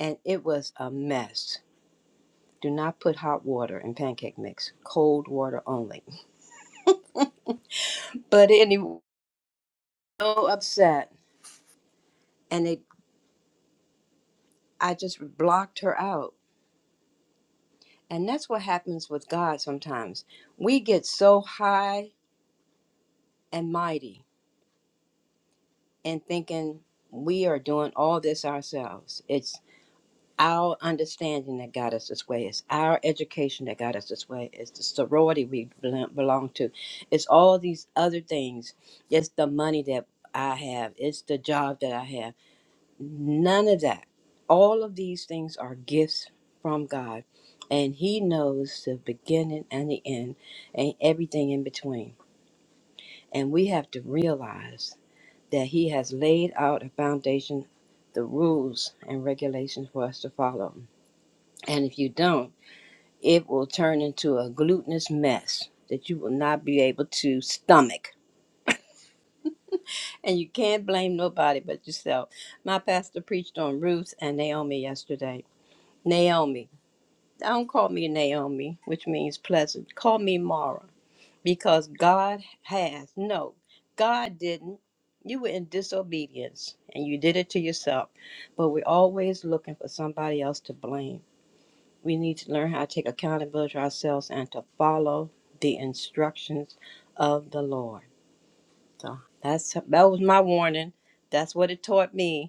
[SPEAKER 6] And it was a mess. Do not put hot water in pancake mix. Cold water only. But anyway, so upset. And it I just blocked her out. And that's what happens with God sometimes. We get so high and mighty and thinking we are doing all this ourselves. It's our understanding that got us this way. It's our education that got us this way. It's the sorority we bel- belong to. It's all these other things. It's the money that I have. It's the job that I have None of that. All of these things are gifts from God, and He knows the beginning and the end and everything in between. And we have to realize that He has laid out a foundation, the rules and regulations for us to follow. And if you don't, it will turn into a glutinous mess that you will not be able to stomach. And you can't blame nobody but yourself. My pastor preached on Ruth and Naomi yesterday. Naomi. Don't call me Naomi, which means pleasant. Call me Mara, because God has. No, God didn't. You were in disobedience and you did it to yourself. But we're always looking for somebody else to blame. We need to learn how to take accountability for ourselves and to follow the instructions of the Lord. So that's that was my warning. That's what it taught me.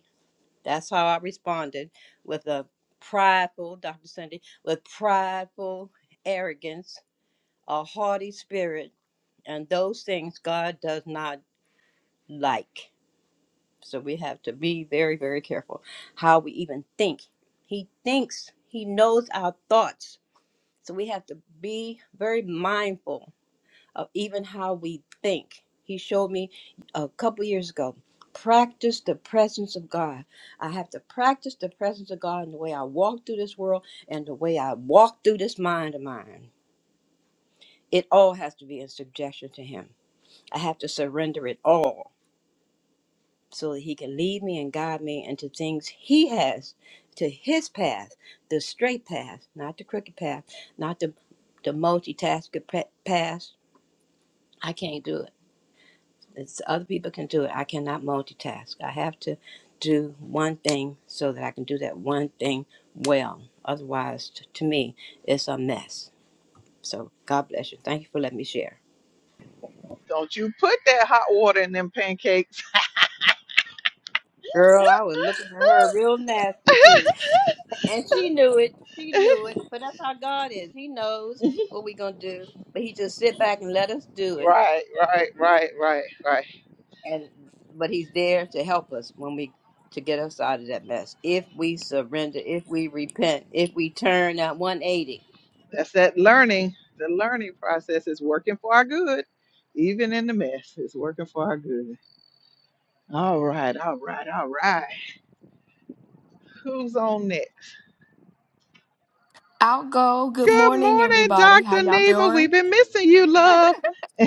[SPEAKER 6] That's how I responded with a prideful, Dr. Sunday, with prideful arrogance, a haughty spirit, and those things God does not like. So we have to be very, very careful how we even think. He thinks, He knows our thoughts. So we have to be very mindful of even how we think. He showed me a couple years ago practice the presence of God. I have to practice the presence of God in the way I walk through this world and the way I walk through this mind of mine. It all has to be in subjection to Him. I have to surrender it all so that He can lead me and guide me into things He has, to His path, the straight path, not the crooked path, not the, the multitasking pa- path. I can't do it. It's other people can do it. I cannot multitask. I have to do one thing so that I can do that one thing well. Otherwise, t- to me, it's a mess. So God bless you. Thank you for letting me share.
[SPEAKER 1] Don't you put that hot water in them pancakes.
[SPEAKER 6] Girl, I was looking for her real nasty too. And she knew it. She knew it. But that's how God is. He knows what we're going to do. But he just sit back and let us do it.
[SPEAKER 1] right, right, right, right, right.
[SPEAKER 6] and but he's there to help us when we to get us out of that mess if we surrender if we repent if we turn at 180
[SPEAKER 1] That's that learning. The learning process is working for our good. Even in the mess, it's working for our good. All right, all right, all right. Who's on next?
[SPEAKER 7] I'll go. Good
[SPEAKER 1] Good
[SPEAKER 7] morning,
[SPEAKER 1] morning,
[SPEAKER 7] everybody. How
[SPEAKER 1] Dr.
[SPEAKER 7] y'all
[SPEAKER 1] Neva. We've
[SPEAKER 7] doing?
[SPEAKER 1] been missing you, love.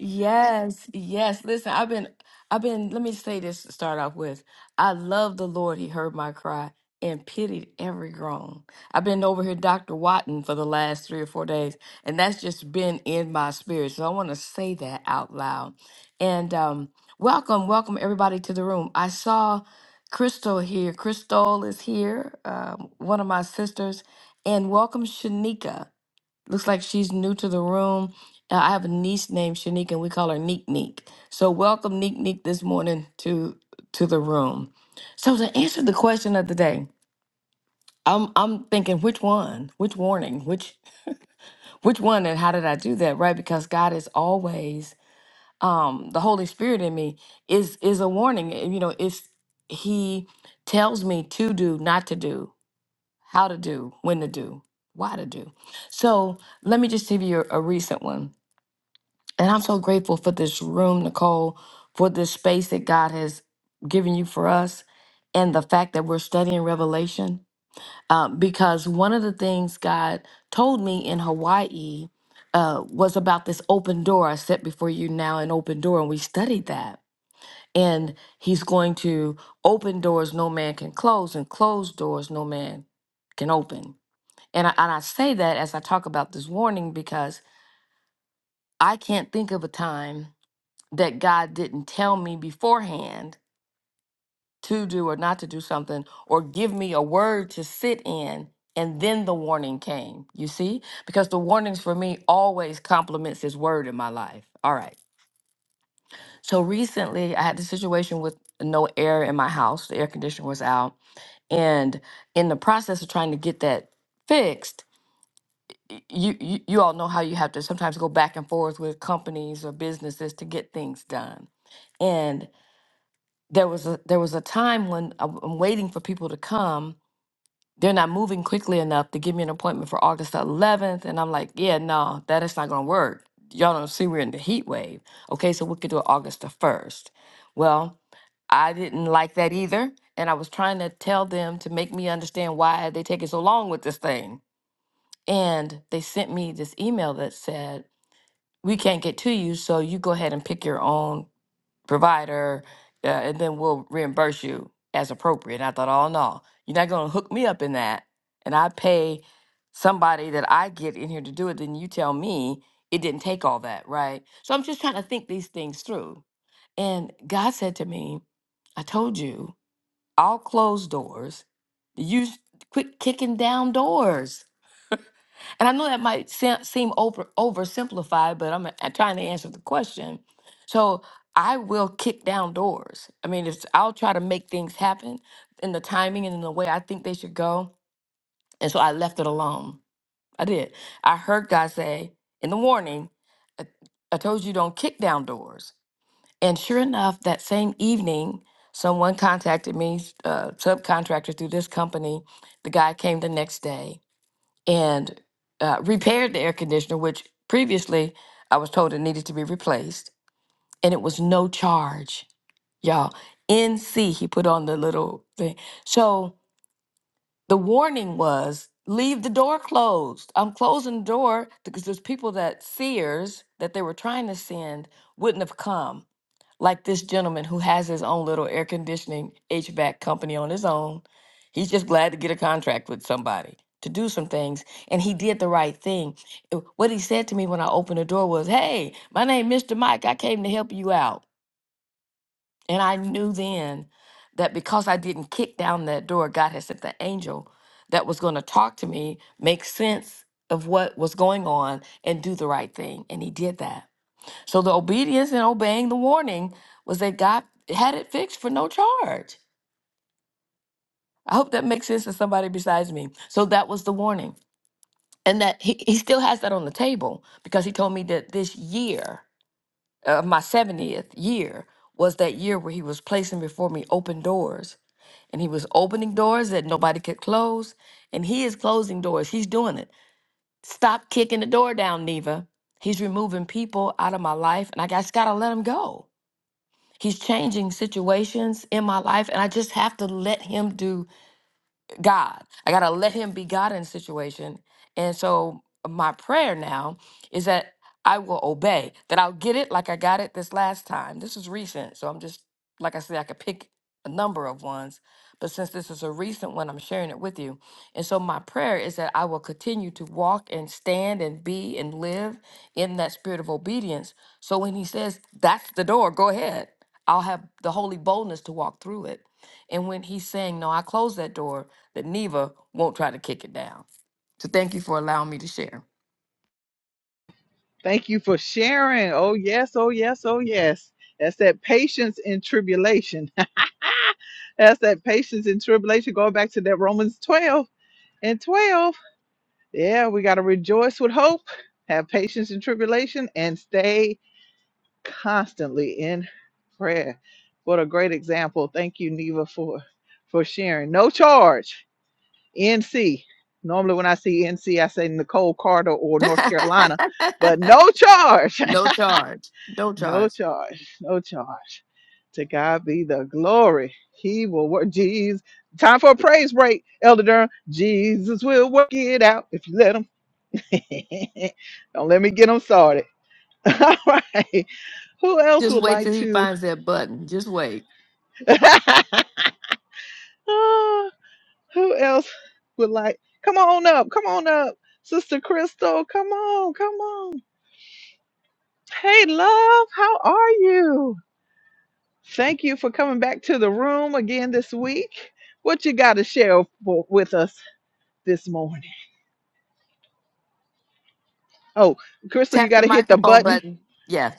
[SPEAKER 7] Yes, yes. Listen, I've been, I've been. Let me say this to start off with. I love the Lord. He heard my cry and pitied every groan. I've been over here, Doctor Watton, for the last three or four days, and that's just been in my spirit. So I want to say that out loud. And um, welcome, welcome everybody to the room. I saw Crystal here. Crystal is here, um, one of my sisters, and welcome Shanika. Looks like she's new to the room. Uh, I have a niece named Shanique, and we call her Neek Neek. So welcome Neek Neek this morning to to the room. So to answer the question of the day, I'm I'm thinking which one, which warning, which which one, and how did I do that? Right, because God is always um, the Holy Spirit in me is is a warning. and, You know, it's He tells me to do, not to do, how to do, when to do, why to do. So let me just give you a a recent one And I'm so grateful for this room, Nicole, for this space that God has given you for us, and the fact that we're studying Revelation. Um, because one of the things God told me in Hawaii uh, was about this open door. I set before you now an open door, and we studied that. And He's going to open doors no man can close, and close doors no man can open. And I, and I say that as I talk about this warning because I can't think of a time that God didn't tell me beforehand to do or not to do something or give me a word to sit in and then the warning came you see because the warnings for me always complements his word in my life all right so recently i had the situation with no air in my house the air conditioner was out and in the process of trying to get that fixed y- you, you you all know how you have to sometimes go back and forth with companies or businesses to get things done there was a there was a time when I'm I'm waiting for people to come. They're not moving quickly enough to give me an appointment for August 11th, and I'm like, yeah, no, that is not going to work. Y'all don't see we're in the heat wave. Okay, so we could do it August the 1st. Well, I didn't like that either, and I was trying to tell them to make me understand why they taking so long with this thing. And they sent me this email that said, "We can't get to you, so you go ahead and pick your own provider, uh, and then we'll reimburse you as appropriate. And I thought, oh no, you're not going to hook me up in that. And I pay somebody that I get in here to do it. Then you tell me it didn't take all that, right? So I'm just trying to think these things through. And God said to me, I told you, I'll close doors. You s- quit kicking down doors. And I know that might se- seem over oversimplified, but I'm, uh, trying to answer the question. So I will kick down doors. I mean, it's, I'll try to make things happen in the timing and in the way I think they should go. And so I left it alone. I did. I heard God say in the warning, I, I told you don't kick down doors. And sure enough, that same evening, someone contacted me, s- uh, subcontractor through this company. The guy came the next day and uh, repaired the air conditioner, which previously I was told it needed to be replaced, and it was no charge, y'all. NC, he put on the little thing. So the warning was leave the door closed. I'm closing the door because there's people that Sears that they were trying to send wouldn't have come like this gentleman who has his own little air conditioning HVAC company on his own. He's just glad to get a contract with somebody to do some things. And he did the right thing. Uh, What he said to me when I opened the door was, Hey, my name Mr. Mike. I came to help you out. And I knew then that because I didn't kick down that door, God had sent the angel that was going to talk to me, make sense of what was going on, and do the right thing. And he did that. So the obedience and obeying the warning was that God had it fixed for no charge. I hope that makes sense to somebody besides me. So that was the warning. And that he, he still has that on the table because he told me that this year of my 70th year was that year where he was placing before me open doors. And he was opening doors that nobody could close. And he is closing doors. He's doing it. Stop kicking the door down, Neva. He's removing people out of my life. And I just got to let him go He's changing situations in my life, and I just have to let him do God. I got to let him be God in the situation. And so my prayer now is that I will obey, that I'll get it like I got it this last time. This is recent. So I'm just, like I said, I could pick a number of ones. But since this is a recent one, I'm sharing it with you. And so my prayer is that I will continue to walk and stand and be and live in that spirit of obedience. So when he says, that's the door, go ahead, I'll have the holy boldness to walk through it. And when he's saying, No, I close that door, that Neva won't try to kick it down. So thank you for allowing me to share.
[SPEAKER 1] Thank you for sharing. Oh, yes, oh, yes, oh, yes. That's that patience in tribulation. That's that patience in tribulation. Going back to that Romans 12 and 12. Yeah, we got to rejoice with hope, have patience in tribulation, and stay constantly in prayer. What a great example. Thank you, Neva, for, for sharing. No charge. NC. Normally, when I see NC, I say Nicole Carter or North Carolina, but no charge,
[SPEAKER 7] no charge. No
[SPEAKER 1] no
[SPEAKER 7] charge.
[SPEAKER 1] charge, no charge. To God be the glory. He will work. Jesus. Time for a praise break, Elder Durham. Jesus will work it out if you let him. Don't let me get him started. All right. Who else
[SPEAKER 7] Just
[SPEAKER 1] would
[SPEAKER 7] wait
[SPEAKER 1] like
[SPEAKER 7] till he
[SPEAKER 1] to?
[SPEAKER 7] finds that button. Just wait.
[SPEAKER 1] Ah, Who else would like? Come on up. Come on up. Sister Crystal, come on, come on. Hey, love, how are you? Thank you for coming back to the room again this week. What you got to share for, with us this morning? Oh, Crystal, you
[SPEAKER 7] Tap
[SPEAKER 1] got
[SPEAKER 7] the
[SPEAKER 1] to hit the
[SPEAKER 7] microphone
[SPEAKER 1] button.
[SPEAKER 7] button. Yeah.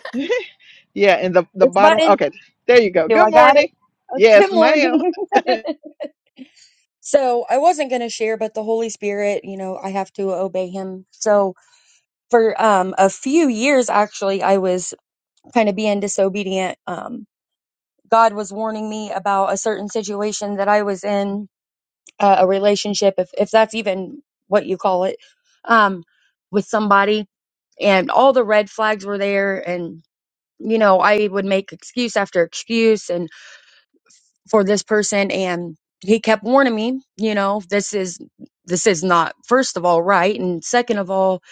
[SPEAKER 1] yeah, in the, the
[SPEAKER 8] This
[SPEAKER 1] bottom.
[SPEAKER 8] button.
[SPEAKER 1] Okay, there you go.
[SPEAKER 8] Do
[SPEAKER 1] Good
[SPEAKER 8] I got it?
[SPEAKER 1] morning.
[SPEAKER 8] Uh, Good
[SPEAKER 1] Yes, ma'am.
[SPEAKER 8] morning. so I wasn't going to share, but the Holy Spirit, you know, I have to obey him. So for um, a few years, actually, I was kind of being disobedient. Um, God was warning me about a certain situation that I was in, uh, a relationship, if, if that's even what you call it, um, with somebody. And all the red flags were there. And, you know, I would make excuse after excuse. And for this person and he kept warning me you know this is this is not first of all right and second of all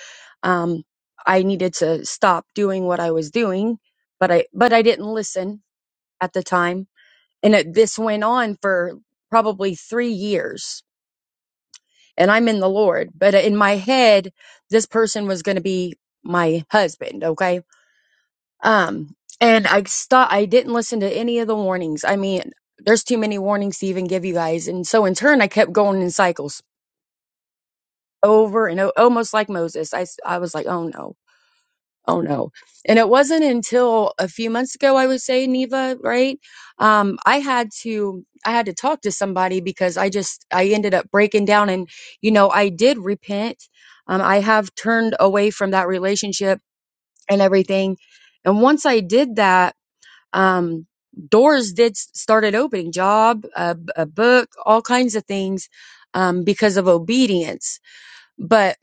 [SPEAKER 8] um i needed to stop doing what i was doing but i but i didn't listen at the time and it, this went on for probably 3 years and i'm in the lord but in my head this person was going to be my husband okay um, and I stopped, I didn't listen to any of the warnings. I mean, there's too many warnings to even give you guys. And so in turn, I kept going in cycles over and o- almost like Moses. I, s- I was like, oh no, oh no. And it wasn't until a few months ago, I would say, Neva, right? Um, I had to, I had to talk to somebody because I just, I ended up breaking down and, you know, I did repent. Um, I have turned away from that relationship and everything. And once I did that, um, doors did started opening job a, a book all kinds of things um, because of obedience but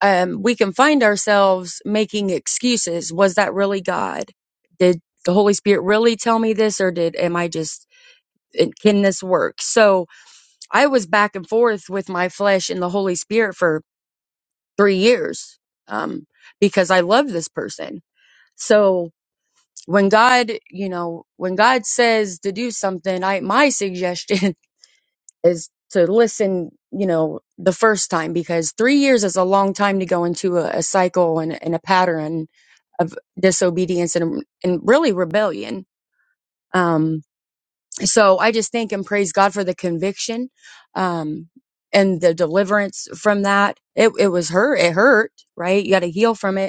[SPEAKER 8] um, we can find ourselves making excuses was that really god did the holy spirit really tell me this or did am i just it- can this work so i was back and forth with my flesh and the holy spirit for three years um, because i love this person so when God, you know, when God says to do something, I my suggestion is to listen, you know, the first time because three years is a long time to go into a, a cycle and, and a pattern of disobedience and and really rebellion. Um, so I just thank and praise God for the conviction, um, and the deliverance from that. It it was hurt. It hurt, right? You got to heal from it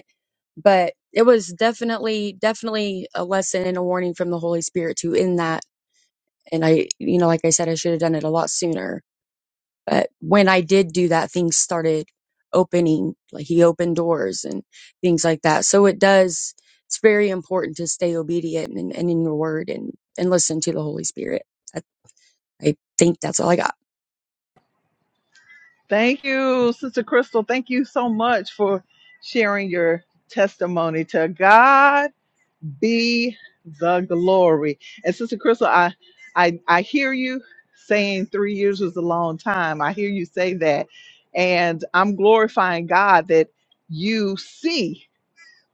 [SPEAKER 8] but it was definitely definitely a lesson and a warning from the holy spirit to in that and i you know like i said i should have done it a lot sooner but when i did do that things started opening like he opened doors and things like that so it does it's very important to stay obedient and, and in your word and and listen to the holy spirit i, I think that's all i got
[SPEAKER 1] Thank you, Sister Crystal. Thank you so much for sharing your testimony to God be the glory. And Sister Crystal, I I I hear you saying three years was a long time. I hear you say that. And I'm glorifying God that you see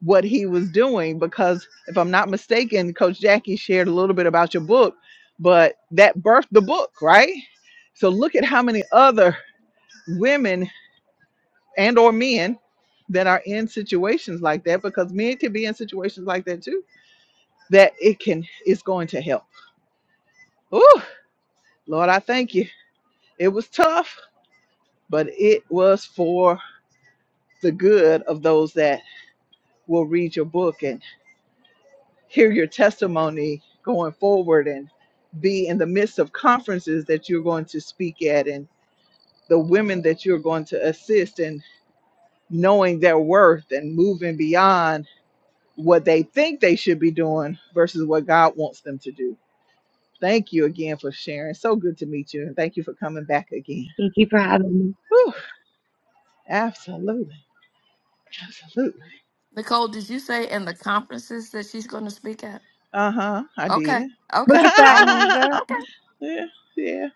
[SPEAKER 1] what he was doing because if I'm not mistaken, Coach Jackie shared a little bit about your book, but that birthed the book, right? So look at how many other women and or men that are in situations like that because men can be in situations like that too that it can is going to help. Ooh, Lord, I thank you. It was tough, but it was for the good of those that will read your book and hear your testimony going forward and be in the midst of conferences that you're going to speak at and the women that you're going to assist and knowing their worth and moving beyond what they think they should be doing versus what God wants them to do. Thank you again for sharing. So good to meet you and thank you for coming back again.
[SPEAKER 8] Thank you for having me.
[SPEAKER 1] Whew. Absolutely. Absolutely.
[SPEAKER 7] Nicole, did you say in the conferences that she's going to speak at?
[SPEAKER 1] Uh huh. I
[SPEAKER 7] Okay.
[SPEAKER 1] did.
[SPEAKER 8] Look at
[SPEAKER 7] Okay.
[SPEAKER 8] that,
[SPEAKER 7] All right.
[SPEAKER 8] Neva.
[SPEAKER 7] Okay.
[SPEAKER 1] yeah. Yeah.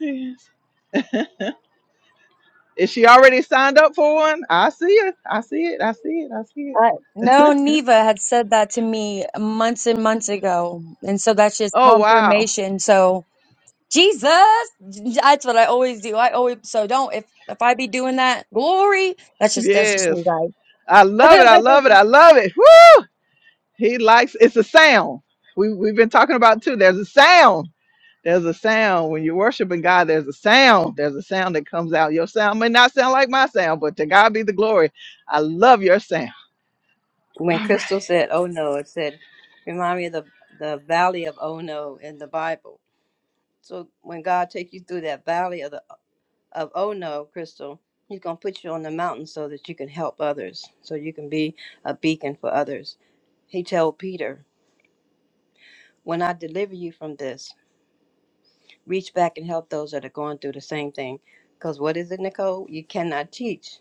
[SPEAKER 1] Yes. Is she already signed up for one? I see it. I see it. I see it. I see it.
[SPEAKER 8] Uh, no, Neva had said that to me months and months ago. And so that's just
[SPEAKER 1] Oh wow.
[SPEAKER 8] confirmation. So Jesus, that's what I always do. I always, so don't, if, if I be doing that, glory, that's just, that's just
[SPEAKER 1] Yes.
[SPEAKER 8] me, guys.
[SPEAKER 1] I love it. I love it. I love it. Woo! He likes it's a sound. We we've been talking about it too. There's a sound. There's a sound. When you're worshiping God, there's a sound. There's a sound that comes out. Your sound may not sound like my sound, but to God be the glory. I love your sound.
[SPEAKER 6] when
[SPEAKER 1] All right.
[SPEAKER 6] crystal said oh no it said remind me of the the valley of oh no in the bible so when god takes you through that valley of the of oh no crystal he's going to put you on the mountain so that you can help others so you can be a beacon for others he told peter when i deliver you from this reach back and help those that are going through the same thing. Because what is it, Nicole? You cannot teach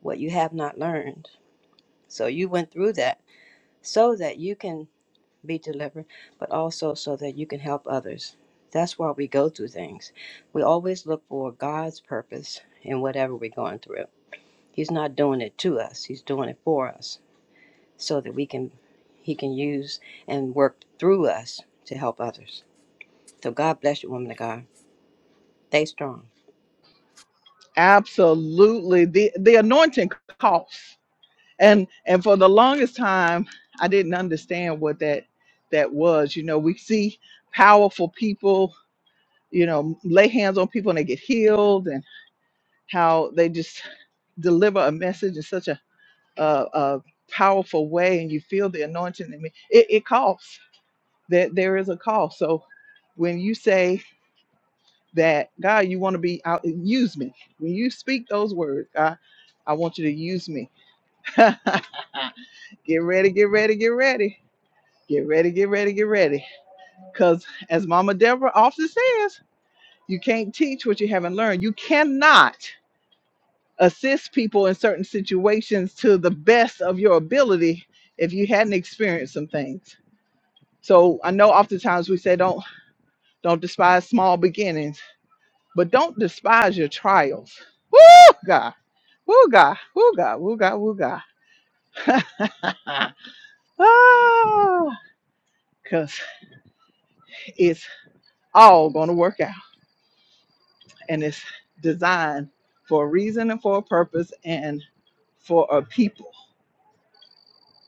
[SPEAKER 6] what you have not learned. So you went through that so that you can be delivered, but also so that you can help others. That's why we go through things. We always look for God's purpose in whatever we're going through. He's not doing it to us, He's doing it for us so that we can, He can use and work through us to help others. So God bless you, woman of God. Stay strong.
[SPEAKER 1] Absolutely. The the anointing costs. And and for the longest time I didn't understand what that that was. You know, we see powerful people, you know, lay hands on people and they get healed and how they just deliver a message in such a a, a powerful way and you feel the anointing in me. It it costs. That there there is a cost. So when you say that God, you want to be out use me. When you speak those words, God, I want you to use me get ready, get ready, get ready. Get ready, get ready, get ready. Because as Mama Deborah often says, you can't teach what you haven't learned. You cannot assist people in certain situations to the best of your ability if you hadn't experienced some things. So I know oftentimes we say don't don't despise small beginnings, but don't despise your trials. Woo God. Woo God. Woo God. Woo God. Woo God. Ah! 'Cause It's all going to work out and it's designed for a reason and for a purpose and for a people.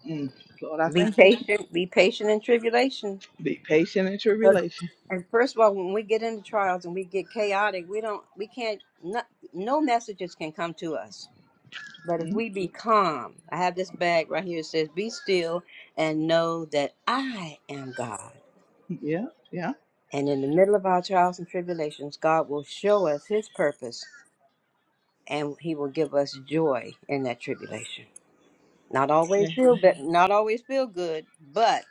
[SPEAKER 1] Mm. Lord, I
[SPEAKER 6] Be
[SPEAKER 1] thank you.
[SPEAKER 6] patient. Be patient in tribulation.
[SPEAKER 1] Be patient in
[SPEAKER 6] 'Cause-
[SPEAKER 1] tribulation.
[SPEAKER 6] And first of all, when we get into trials and we get chaotic, we don't, we can't, no, no messages can come to us. But if
[SPEAKER 1] Mm.
[SPEAKER 6] we be calm, I have this bag right here. It says, "Be still and know that I am God."
[SPEAKER 1] Yeah, yeah,
[SPEAKER 6] And in the middle of our trials and tribulations, God will show us His purpose, and He will give us joy in that tribulation. Not always
[SPEAKER 1] yeah.
[SPEAKER 6] feel but not always feel good, but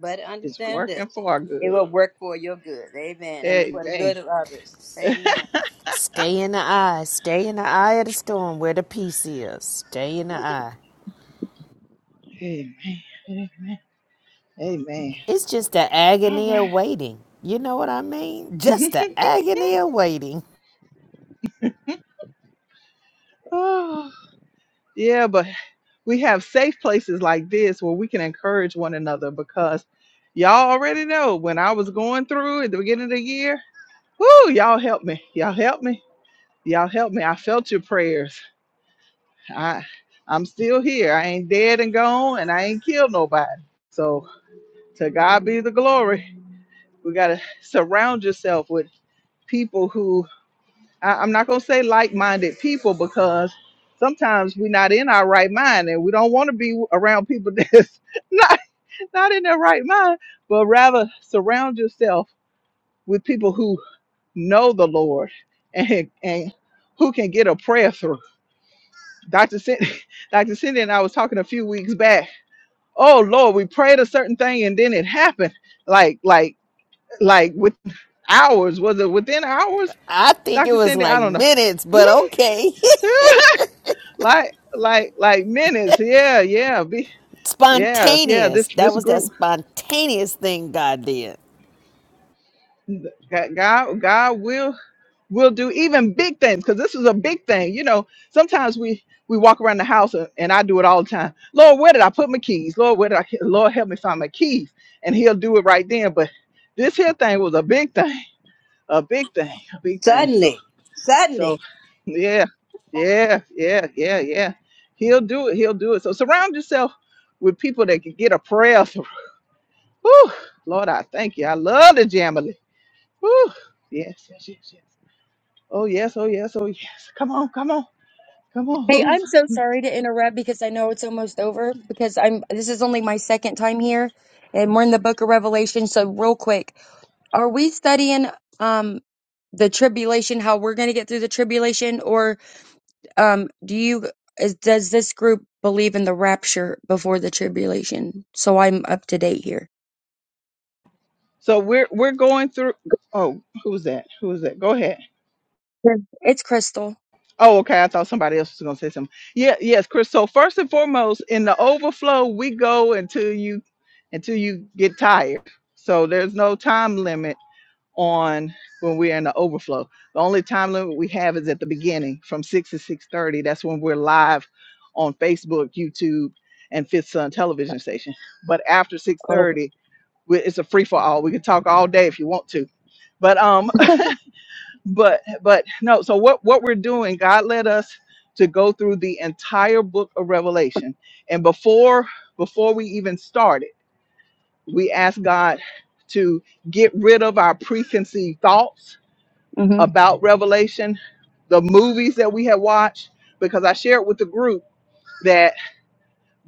[SPEAKER 6] but
[SPEAKER 1] It's
[SPEAKER 6] understand
[SPEAKER 1] working
[SPEAKER 6] this.
[SPEAKER 1] for our
[SPEAKER 6] It
[SPEAKER 1] good.
[SPEAKER 6] will work for your good. Amen. And for the
[SPEAKER 1] Amen.
[SPEAKER 6] good of others. Amen.
[SPEAKER 5] Stay in the eye. Stay in the eye of the storm where the peace is. Stay in the eye.
[SPEAKER 1] Amen. Amen. Amen.
[SPEAKER 5] It's just the
[SPEAKER 1] All
[SPEAKER 5] agony of
[SPEAKER 1] right.
[SPEAKER 5] waiting. You know what I mean? Just the agony of waiting.
[SPEAKER 1] Oh, yeah, but we have safe places like this where we can encourage one another because y'all already know when I was going through at the beginning of the year. Woo, y'all help me. Y'all help me. Y'all help me. I felt your prayers. I I'm still here. I ain't dead and gone and I ain't killed nobody. So to God be the glory. We gotta surround yourself with people who I, I'm not gonna say like-minded people because sometimes we're not in our right mind and we don't want to be around people that's not not in their right mind, but rather surround yourself with people who know the Lord and, and who can get a prayer through. Dr. Cindy, Dr. Cindy and I was talking a few weeks back. Oh Lord, we prayed a certain thing and then it happened. Like, like, like with hours. Was it within hours?
[SPEAKER 5] I think it
[SPEAKER 1] Dr.
[SPEAKER 5] was
[SPEAKER 1] Cindy, I
[SPEAKER 5] like
[SPEAKER 1] don't know.
[SPEAKER 5] minutes, but okay.
[SPEAKER 1] like, like, like minutes. Yeah, yeah. Be, yeah, yeah. This
[SPEAKER 5] spontaneous. That
[SPEAKER 1] this
[SPEAKER 5] was that
[SPEAKER 1] group.
[SPEAKER 5] spontaneous thing God did.
[SPEAKER 1] God God God will. we'll do even big things because this is a big thing you know sometimes we we walk around the house and, and i do it all the time lord where did i put my keys lord where did i lord help me find my keys and he'll do it right then but this here thing was a big thing a big thing a big thing so
[SPEAKER 6] Suddenly,
[SPEAKER 1] so
[SPEAKER 6] suddenly.
[SPEAKER 1] yeah yeah yeah yeah yeah he'll do it he'll do it so surround yourself with people that can get a prayer through Whew, lord i thank you i love the jamily Whew, yes yes yes yes Oh yes, oh yes, oh yes. Come on, come on, come on.
[SPEAKER 8] Hey,
[SPEAKER 1] Who's
[SPEAKER 8] I'm so sorry to interrupt because I know it's almost over because I'm, this is only my second time here and we're in the book of Revelation. So real quick, are we studying, um, the tribulation, how we're going to get through the tribulation or Um, do you is, does this group believe in the rapture before the tribulation? So I'm up to date here.
[SPEAKER 1] so we're we're going through oh, who's that? Who is that? Go ahead.
[SPEAKER 8] Yeah. It's Crystal.
[SPEAKER 1] Oh, okay. I thought somebody else was gonna say something. Yeah, yes, Chris. So first and foremost, in the overflow, we go until you until you get tired. So there's no time limit on when we're in the overflow. The only time limit we have is at the beginning from six to six thirty. That's when we're live on Facebook, YouTube, and Fifth Sun television station. But after six
[SPEAKER 8] Okay.
[SPEAKER 1] thirty We, it's a free for all. We can talk all day if you want to, but um, but but no. So what what we're doing? God led us to go through the entire book of Revelation, and before before we even started, we asked God to get rid of our preconceived thoughts about Revelation, the movies that we had watched, because I shared with the group that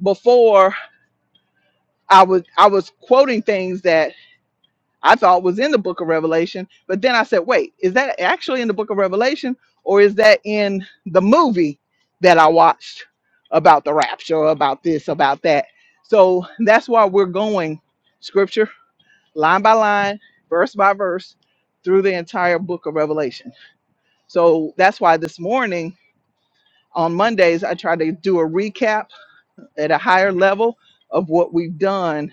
[SPEAKER 1] before I was I was quoting things that I thought was in the book of Revelation. But then I said, wait, is that actually in the book of Revelation or is that in the movie that I watched about the rapture, about this, about that? So that's why we're going scripture line by line, verse by verse through the entire book of Revelation. So that's why this morning on Mondays, I try to do a recap at a higher level of what we've done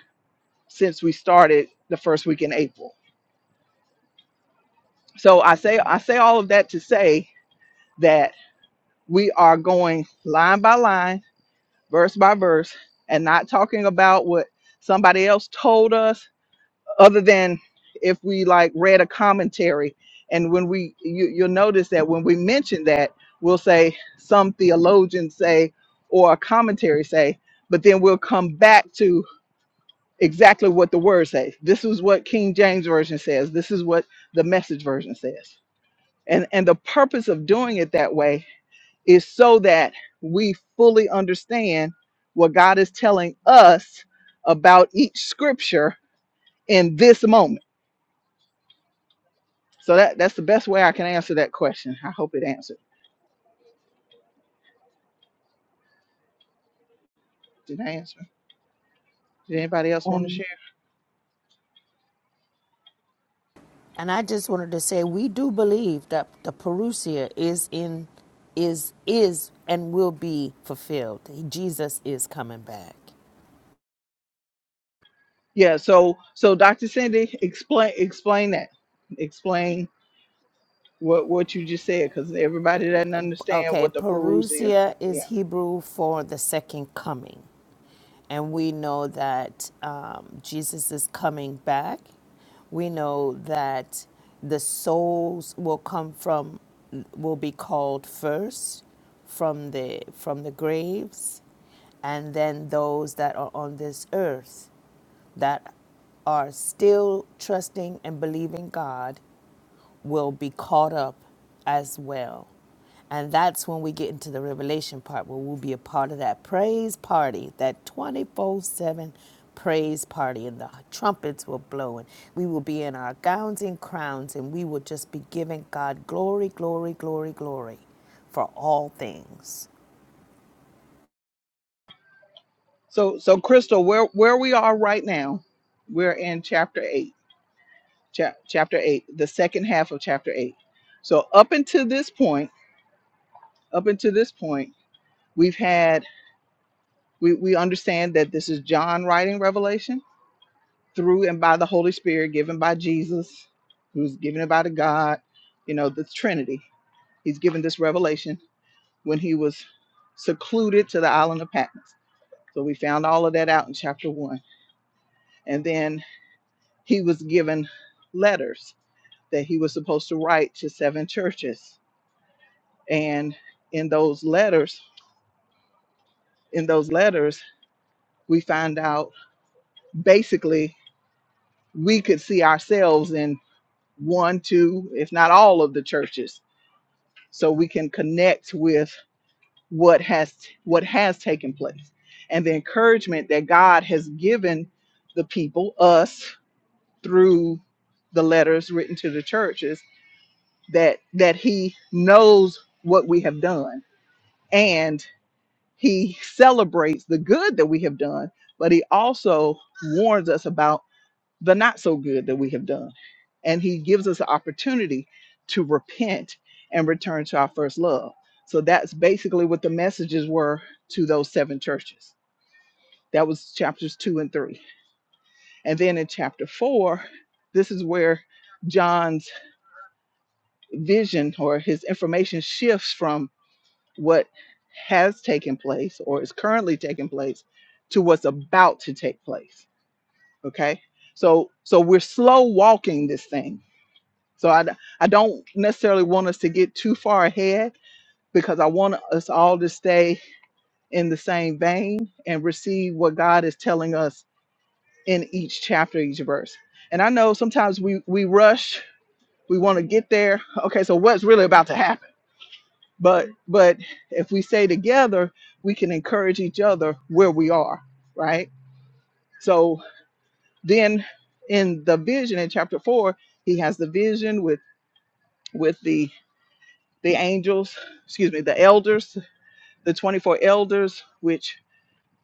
[SPEAKER 1] since we started the first week in April. So I say I say all of that to say that we are going line by line, verse by verse, and not talking about what somebody else told us, other than if we like read a commentary. And when we you, you'll notice that when we mention that, we'll say some theologians say or a commentary say, but then we'll come back to exactly what the word says. This is what King James Version says. This is what the message version says. And and the purpose of doing it that way is so that we fully understand what God is telling us about each scripture in this moment. So that that's the best way I can answer that question. I hope it answered. Did I answer? Did anybody else want to
[SPEAKER 8] hmm
[SPEAKER 1] share?
[SPEAKER 5] And I just wanted to say we do believe that the parousia is in is is and will be fulfilled. Jesus is coming back.
[SPEAKER 1] Yeah, so so Dr. Cindy, explain explain that. Explain what what you just said cuz everybody doesn't understand
[SPEAKER 5] Okay,
[SPEAKER 1] what the perusia.
[SPEAKER 5] parousia is
[SPEAKER 1] Yeah.
[SPEAKER 5] Hebrew for the second coming. and we know that um, Jesus is coming back. We know that the souls will come from, will be called first from the from the graves, and then those that are on this earth that are still trusting and believing God will be caught up as well. And that's when we get into the revelation part where we'll be a part of that praise party, that 24 7 praise party, and the trumpets will blow, and we will be in our gowns and crowns, and we will just be giving God glory, glory, glory, glory for all things.
[SPEAKER 1] So so Crystal, where where we are right now, we're in chapter 8 chap- chapter 8 the second half of chapter 8 so up until this point up until this point we've had we, we understand that this is john writing revelation through and by the holy spirit given by jesus who's given it by the god you know the trinity he's given this revelation when he was secluded to the island of patmos so we found all of that out in chapter 1 and then he was given letters that he was supposed to write to seven churches and in those letters in those letters we find out basically we could see ourselves in one two if not all of the churches so we can connect with what has what has taken place and the encouragement that god has given the people us through the letters written to the churches that that he knows what we have done and. He celebrates the good that we have done, but he also warns us about the not so good that we have done. And he gives us an opportunity to repent and return to our first love. So that's basically what the messages were to those seven churches. That was chapters two and three. And then in chapter four, this is where John's vision or his information shifts from what has taken place or is currently taking place to what's about to take place okay so so we're slow walking this thing so i d- i don't necessarily want us to get too far ahead because i want us all to stay in the same vein and receive what god is telling us in each chapter each verse and i know sometimes we we rush we want to get there okay so what's really about to happen but but if we stay together we can encourage each other where we are right so then in the vision in chapter 4 he has the vision with with the the angels excuse me the elders the 24 elders which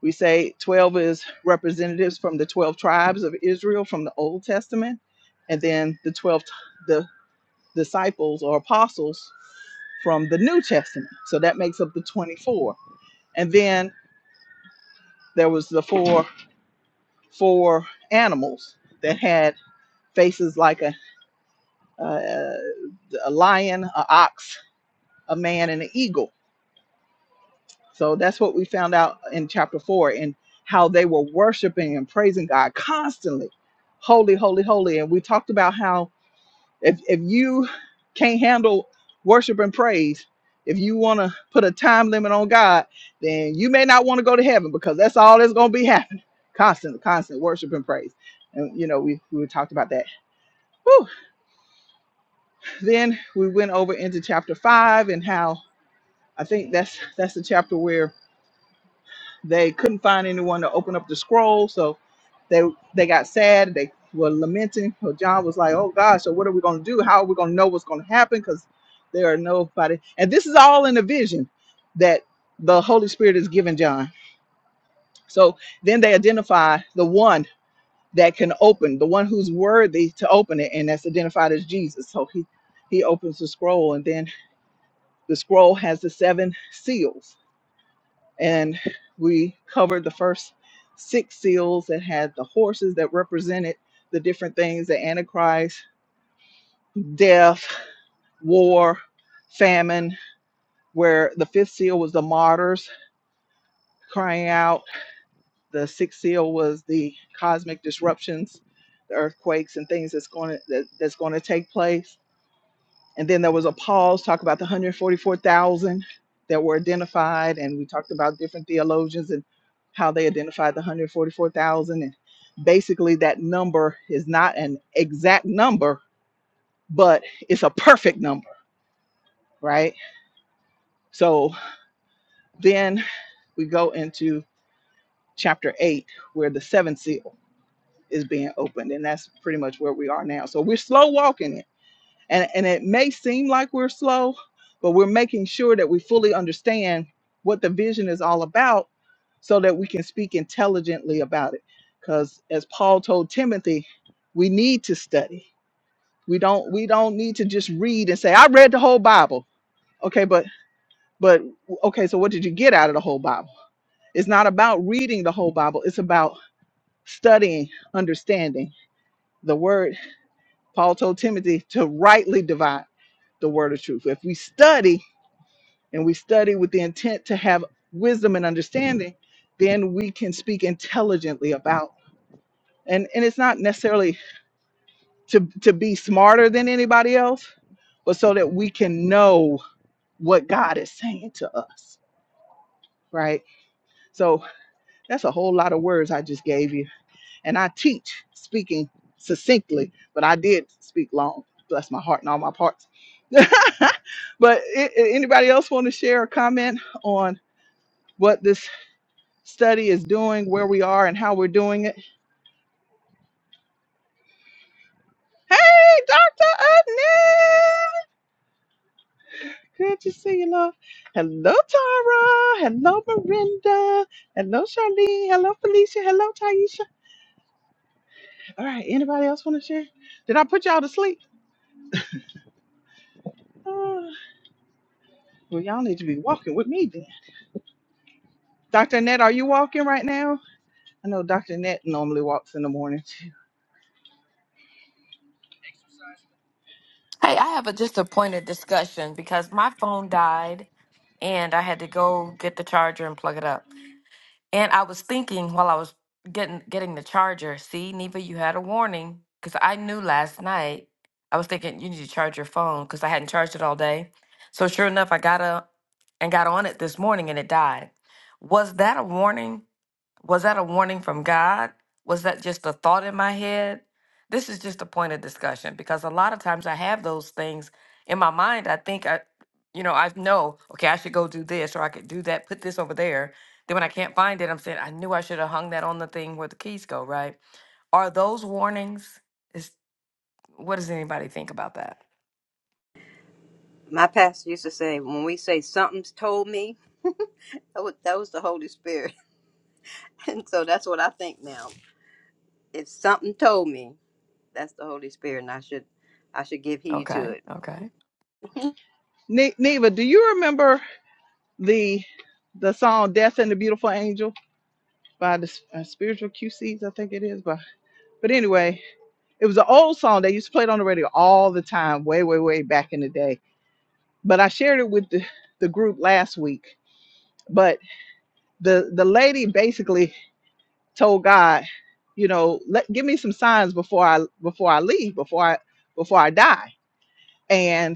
[SPEAKER 1] we say 12 is representatives from the 12 tribes of Israel from the Old Testament and then the 12 t- the disciples or apostles from the New Testament so that makes up the 24 and then. there was the four four animals that had faces like a a, a lion, a ox, a man, and an eagle. So that's what we found out in chapter four and how they were worshiping and praising God constantly, holy, holy, holy. And we talked about how If if you can't handle worship and praise, if you want to put a time limit on God, then you may not want to go to heaven because that's all that's going to be happening. Constant, constant worship and praise. And you know, we we talked about that. Whew. Then we went over into chapter five and how I think that's that's the chapter where They couldn't find anyone to open up the scroll, so they they got sad. They were lamenting. So John was like, "Oh God, so what are we going to do? How are we going to know what's going to happen? Because there are nobody." And this is all in a vision that the Holy Spirit is giving John. So then they identify the one that can open, the one who's worthy to open it, and that's identified as Jesus. So he he opens the scroll, and then the scroll has the seven seals and we covered the first six seals that had the horses that represented the different things the antichrist death war famine where the fifth seal was the martyrs crying out the sixth seal was the cosmic disruptions the earthquakes and things that's going to that, that's going to take place And then there was a pause, talk about the 144,000 that were identified. And we talked about different theologians and how they identified the 144,000. And basically, that number is not an exact number, but it's a perfect number, right? So then we go into chapter eight, where the seventh seal is being opened. And that's pretty much where we are now. So we're slow walking it And, and it may seem like we're slow, but we're making sure that we fully understand what the vision is all about so that we can speak intelligently about it. Because as Paul told Timothy, we need to study. We don't we don't need to just read and say, I read the whole Bible. Okay, but but okay, so what did you get out of the whole Bible? It's not about reading the whole Bible, it's about studying, understanding the word. Paul told Timothy to rightly divide the word of truth. If we study, and we study with the intent to have wisdom and understanding, then we can speak intelligently about. And and it's not necessarily to to be smarter than anybody else, but so that we can know what God is saying to us, right? So that's a whole lot of words I just gave you. And I teach speaking succinctly, but I did speak long. Bless my heart and all my parts. but a- a- anybody else want to share a comment on what this study is doing, where we are, and how we're doing it. Hey, Dr. Adnan! Good to see you, love. Hello, Tara. Hello, Miranda. Hello, Charlene. Hello, Felicia. Hello, Taisha. All right, anybody else want to share? Did I put y'all to sleep? Uh, well, y'all need to be walking with me then. Dr. Annette, are you walking right now? I know Dr. Annette normally walks in the morning too.
[SPEAKER 7] Hey, I have a, just a point of discussion because my phone died and I had to go get the charger and plug it up. And I was thinking while I was getting getting the charger, see, Neva, you had a warning because I knew last night. I was thinking you need to charge your phone because I hadn't charged it all day. So sure enough, I got up and got on it this morning and it died. Was that a warning? Was that a warning from God? Was that just a thought in my head? This is just a point of discussion because a lot of times I have those things in my mind. I think I, you know, I know, okay, I should go do this or I could do that, put this over there. Then when I can't find it, I'm saying, I knew I should have hung that on the thing where the keys go, right? Are those warnings? Is what does anybody think about that?
[SPEAKER 6] My pastor used to say, when we say something's told me, that was, that was the Holy Spirit. And so that's what I think now. If something told me, that's the Holy Spirit and I should I should give heed to
[SPEAKER 7] Okay,
[SPEAKER 6] it.
[SPEAKER 7] okay.
[SPEAKER 1] Ne- Neva, do you remember the the song "Death and the Beautiful Angel"? by the uh, spiritual QCs, I think it is. But but anyway, it was an old song they used to play it on the radio all the time, way way way back in the day. But I shared it with the the group last week. But the the lady basically told God, you know, let give me some signs before I before I leave, before I before I die. and.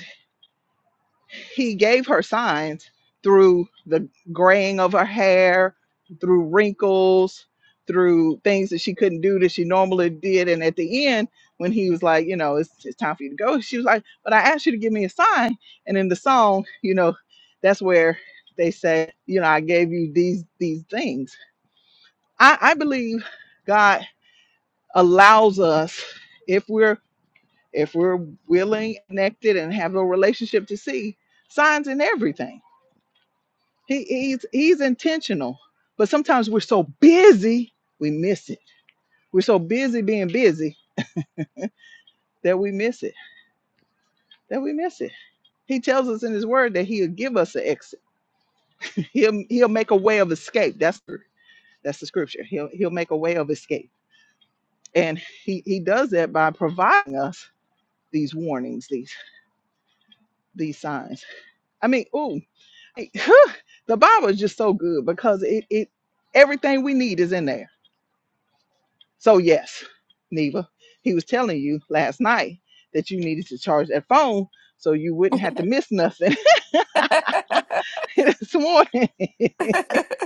[SPEAKER 1] He gave her signs through the graying of her hair, through wrinkles, through things that she couldn't do that she normally did. And at the end, when he was like, you know, it's, it's time for you to go, she was like, but I asked you to give me a sign. And in the song, you know, that's where they say, you know, I gave you these these things. I, I believe God allows us if we're if we're willing, connected, and have a relationship to see signs in everything. He, he's he's intentional, but sometimes we're so busy we miss it. We're so busy being busy that we miss it. That we miss it. He tells us in His Word that He'll give us an exit. He'll He'll make a way of escape. That's the that's the scripture. He'll He'll make a way of escape, and He He does that by providing us these warnings, these these signs. I mean, ooh, the Bible is just so good because it it everything we need is in there So yes, Neva, he was telling you last night that you needed to charge that phone so you wouldn't have to miss nothing this morning.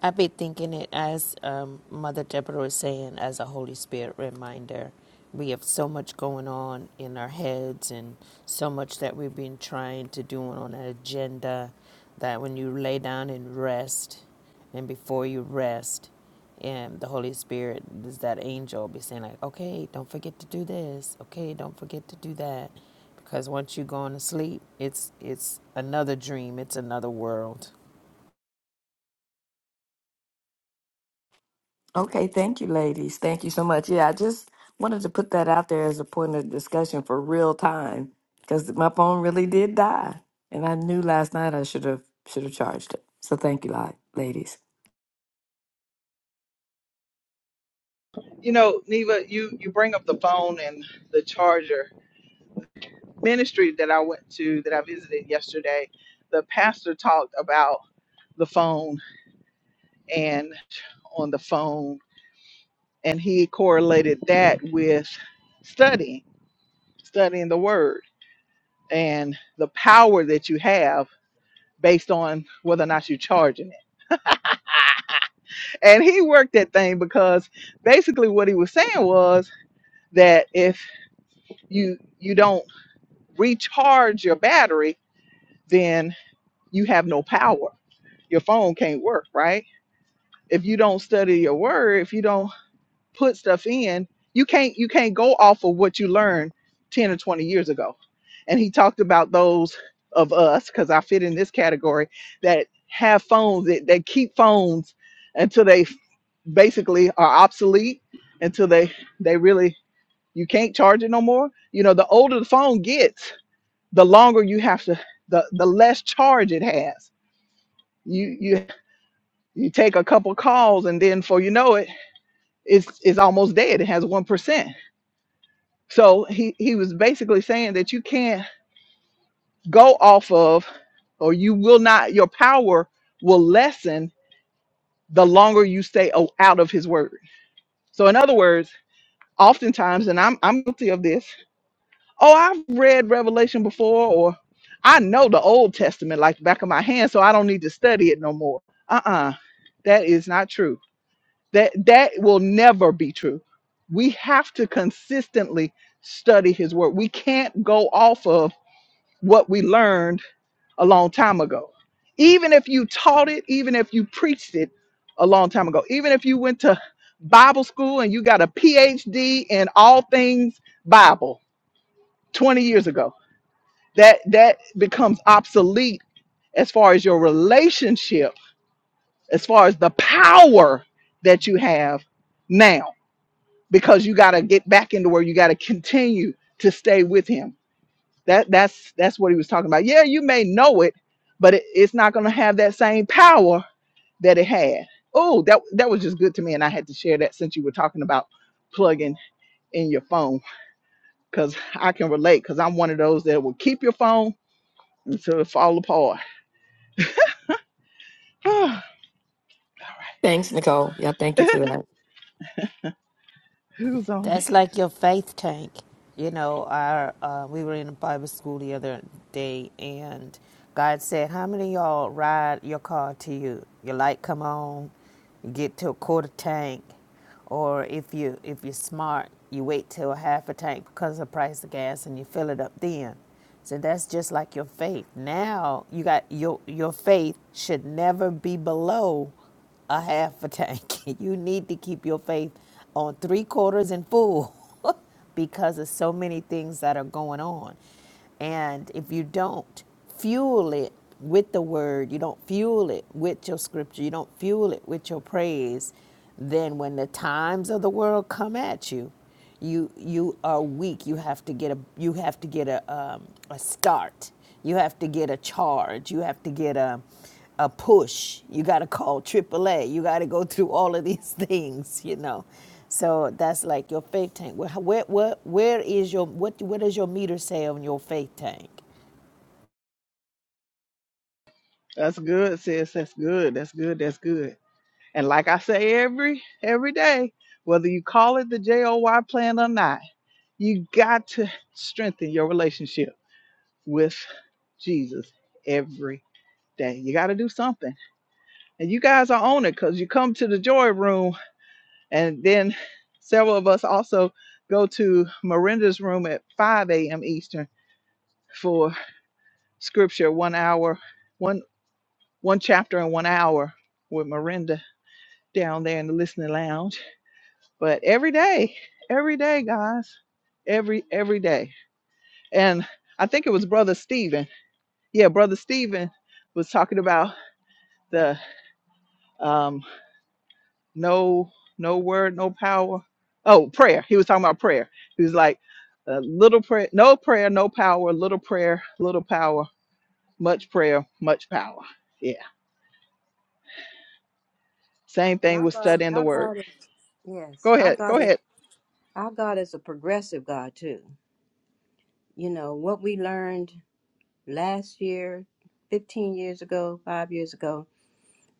[SPEAKER 5] I've been thinking it as um, Mother Deborah was saying, as a Holy Spirit reminder. We have so much going on in our heads and so much that we've been trying to do on an agenda that when you lay down and rest, and before you rest, and the Holy Spirit is that angel be saying, like, okay, don't forget to do this. Okay, don't forget to do that. Because once you are going to sleep, it's it's another dream, it's another world.
[SPEAKER 7] Okay, thank you, ladies. Thank you so much. Yeah, I just wanted to put that out there as a point of discussion for real time because my phone really did die, and I knew last night I should have should have charged it. So thank you, li- ladies.
[SPEAKER 1] You know, Neva, you you bring up the phone and the charger ministry that I went to that I visited yesterday. The pastor talked about the phone and on the phone, and he correlated that with studying, studying the word and the power that you have based on whether or not you're charging it and he worked that thing because basically what he was saying was that if you you don't recharge your battery then you have no power your phone can't work right if you don't study your word if you don't put stuff in you can't you can't go off of what you learned 10 or 20 years ago and he talked about those of us because i fit in this category that have phones that, that keep phones until they basically are obsolete until they they really you can't charge it no more you know the older the phone gets the longer you have to the the less charge it has you you you take a couple calls and then before you know it it's it's almost dead it has one percent So he, he was basically saying that you can't go off of, or you will not, your power will lessen the longer you stay o- out of his word. So, in other words, oftentimes, and I'm, I'm guilty of this, oh, I've read Revelation before, or I know the Old Testament like the back of my hand, so I don't need to study it no more. Uh uh that is not true. That, that will never be true. We have to consistently study his word. We can't go off of what we learned a long time ago. Even if you taught it, even if you preached it a long time ago, even if you went to Bible school and you got a PhD in all things Bible 20 years ago, that that becomes obsolete as far as your relationship, as far as the power that you have now because you got to get back into where you got to continue to stay with him That that's that's what he was talking about. Yeah, you may know it, but it, it's not going to have that same power that it had. Oh, that that was just good to me, and I had to share that since you were talking about plugging in your phone because I can relate because I'm one of those that will keep your phone until it fall apart.
[SPEAKER 7] Thanks, Nicole. Yeah, thank you for that.
[SPEAKER 1] Who's on there?
[SPEAKER 5] That's like your faith tank. You know, our uh, we were in Bible school the other day, and God said, "How many of y'all ride your car to you? Your light come on, you get to a quarter tank, or if you if you're smart, you wait till a half a tank because of the price of gas, and you fill it up then." So that's just like your faith. Now you got your your faith should never be below a half a tank. You need to keep your faith on three quarters and full because of so many things that are going on. And if you don't fuel it with the word, you don't fuel it with your scripture, you don't fuel it with your praise, then when the times of the world come at you, you you are weak. You have to get a you have to get a um, a start. You have to get a charge. You have to get a a push. You got to call AAA. You got to go through all of these things. You know, so that's like your faith tank. Where where where, where is your what what does your meter say on your faith tank?
[SPEAKER 1] That's good, sis. That's good. That's good. That's good. And like I say every every day, whether you call it the JOY plan or not, you got to strengthen your relationship with Jesus every day. You got to do something. And you guys are on it because you come to the joy room. And then several of us also go to Miranda's room at 5 a.m. Eastern for scripture, one hour, one one chapter in one hour with Miranda down there in the listening lounge. But every day, every day, guys. Every every day. And I think it was Brother Stephen. Yeah, Brother Stephen was talking about the. um, no no word no power oh prayer he was talking about prayer he was like uh, little prayer no prayer no power little prayer little power much prayer much power yeah same
[SPEAKER 6] And
[SPEAKER 1] thing
[SPEAKER 6] our
[SPEAKER 1] with
[SPEAKER 6] God,
[SPEAKER 1] studying the
[SPEAKER 6] our
[SPEAKER 1] word
[SPEAKER 6] God is yes,
[SPEAKER 1] go
[SPEAKER 6] our
[SPEAKER 1] ahead go
[SPEAKER 6] God is
[SPEAKER 1] ahead
[SPEAKER 6] our God is a progressive God too. You know what we learned. last year, 15 years ago, five years ago.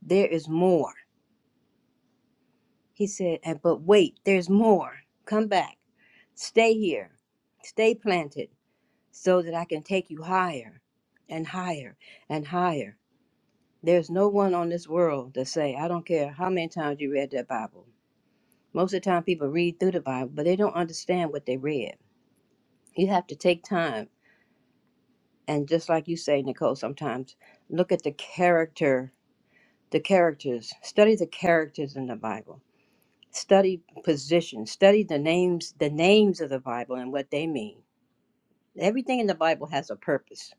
[SPEAKER 6] There is more. He said, "And- but wait, there's more. Come back. Stay here. Stay planted so that I can take you higher and higher and higher. There's no one on this world to say, I don't care how many times you read that Bible. Most of the time people read through the Bible, but they don't understand what they read. You have to take time. And just like you say, Nicole, sometimes look at the character the characters study the characters in the bible study positions study the names the names of the bible and what they mean everything in the bible has a purpose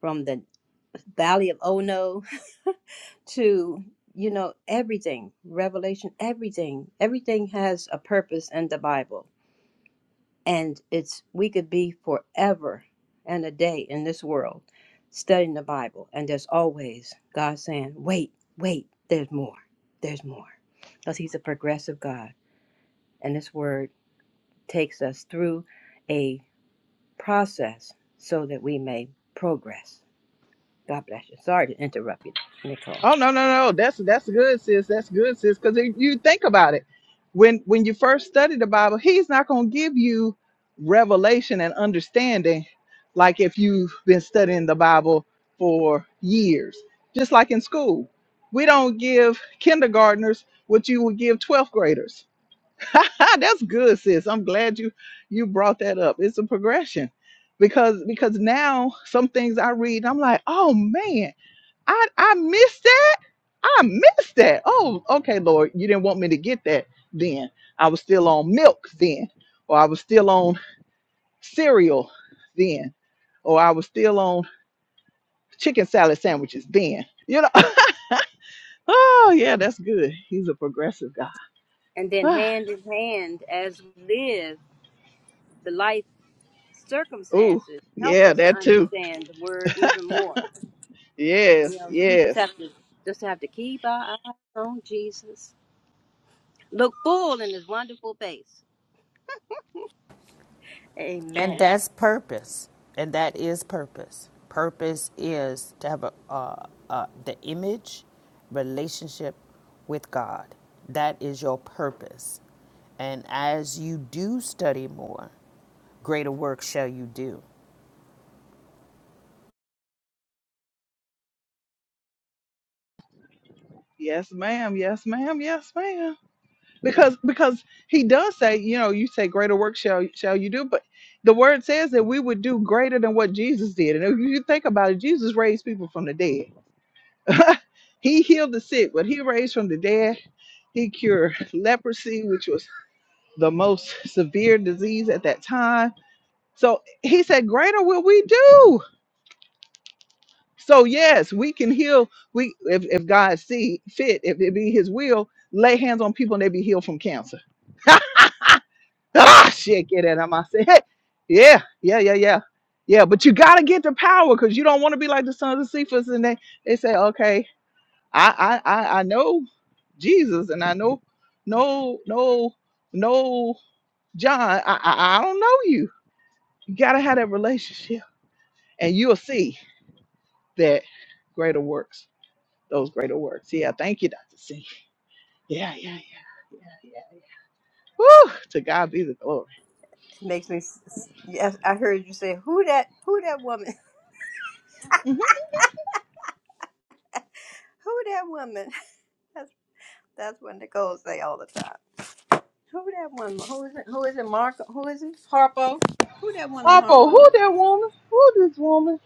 [SPEAKER 6] from the valley of ono to you know everything revelation everything everything has a purpose in the bible and it's we could be forever and a day in this world studying the bible and there's always god saying wait wait there's more there's more because he's a progressive god and this word takes us through a process so that we may progress god bless you sorry to interrupt you nicole
[SPEAKER 1] Oh no, no, no. That's that's good, sis. That's good, sis. Because if you think about it, when when you first study the Bible, He's not going to give you revelation and understanding like if you've been studying the Bible for years. Just like in school, we don't give kindergartners what you would give 12th graders. that's good, sis. I'm glad you you brought that up. It's a progression because because now some things I read, I'm like, oh man, I I missed that I missed that. Oh, okay, Lord, you didn't want me to get that then. I was still on milk then, or I was still on cereal then, or I was still on chicken salad sandwiches then. You know, oh, yeah, that's good. He's a progressive
[SPEAKER 6] and then
[SPEAKER 1] guy.
[SPEAKER 6] hand in hand as we live the life
[SPEAKER 1] oh,
[SPEAKER 6] circumstances help
[SPEAKER 1] yeah,
[SPEAKER 6] us to
[SPEAKER 1] that too.
[SPEAKER 6] understand the word even more You
[SPEAKER 1] Yes,
[SPEAKER 6] know, so we just
[SPEAKER 1] yes.
[SPEAKER 6] have to just have to keep our eyes on Jesus. Look full in his wonderful face.
[SPEAKER 5] And
[SPEAKER 6] Amen.
[SPEAKER 5] that's purpose. And that is purpose. Purpose is to have a, uh, uh, the image relationship with God. That is your purpose. And as you do study more, greater work shall you do.
[SPEAKER 1] Yes, ma'am. Yes, ma'am. Yes, ma'am. because because he does say you know you say greater work shall shall you do but the word says that we would do greater than what jesus did and if you think about it jesus raised people from the dead he healed the sick but he raised from the dead he cured leprosy which was the most severe disease at that time so he said greater will we do so yes we can heal we if, if god see fit if it be his will lay hands on people and they be healed from cancer Ah, shit, get it. I'm say, hey, yeah, yeah, yeah, yeah, yeah. But you gotta get the power because you don't want to be like the sons of Cephas, and they they say, okay, I I I, I know Jesus, and I know no no no John. I, I I don't know you. You gotta have that relationship, and you'll see that greater works. Those greater works. Yeah, thank you, Doctor C. Yeah, yeah, yeah, yeah, yeah. Woo, to God be the glory.
[SPEAKER 6] It makes me. s- s- Yes, I heard you say, "Who that? Who that woman?
[SPEAKER 1] hmm
[SPEAKER 6] Who that woman?" That's that's what Nicole say all the time. Who that woman? Who is it? Who is it? Marco? Who is it? Harpo? Who that woman?
[SPEAKER 1] Papa,
[SPEAKER 6] Harpo?
[SPEAKER 1] who that woman? Who this woman?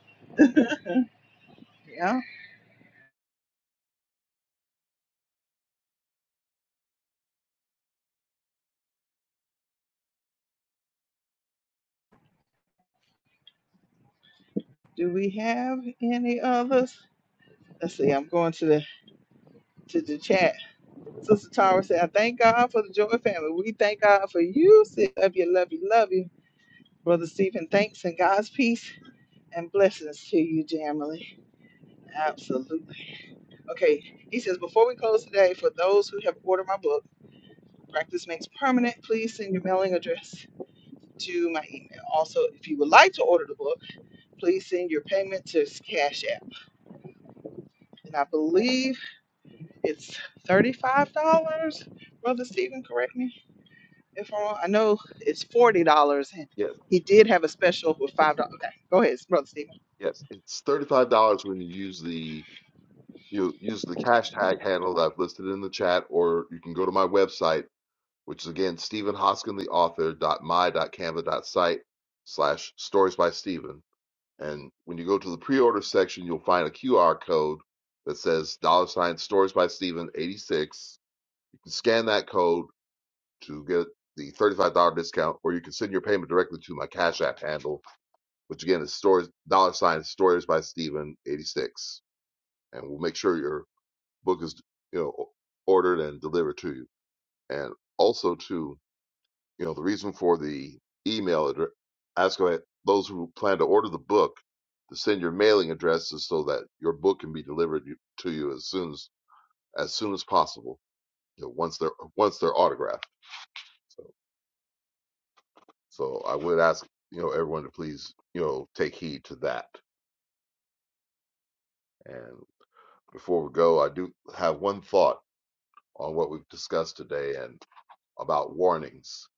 [SPEAKER 1] Yeah. Do we have any others? Let's see. I'm going to the to the chat. Sister Tara said, "I thank God for the Joy family. We thank God for you. Sis. Love you, love you, love you, brother Stephen. Thanks and God's peace and blessings to you, Jamily. Absolutely. Okay. He says, before we close today, for those who have ordered my book, Practice Makes Permanent, please send your mailing address." To my email. Also, if you would like to order the book, please send your payment to Cash App. And I believe It's thirty-five dollars. Brother Stephen, correct me if I'm wrong. I know it's forty dollars, and
[SPEAKER 3] Yes,
[SPEAKER 1] he did have a special with five dollars. Okay, go ahead, Brother Stephen.
[SPEAKER 3] yes. It's $35 when you use the you use the cash tag handle that I've listed in the chat, or you can go to my website, which is again Stephen Hoskin, the author, dot my dot canva dot site slash stories by Stephen. And when you go to the pre-order section, you'll find a QR code that says dollar sign stories by Stephen 86. You can scan that code to get the $35 discount, or you can send your payment directly to my Cash App handle, which again is stories, dollar sign stories by Steven 86. And we'll make sure your book is, you know, ordered and delivered to you. And also to, you know, the reason for the email address, ask about those who plan to order the book to send your mailing addresses so that your book can be delivered you- to you as soon as, as soon as possible, you know, once they're, once they're autographed. so. So I would ask, you know, everyone to please, you know, take heed to that. And before we go, I do have one thought on what we've discussed today and about warnings.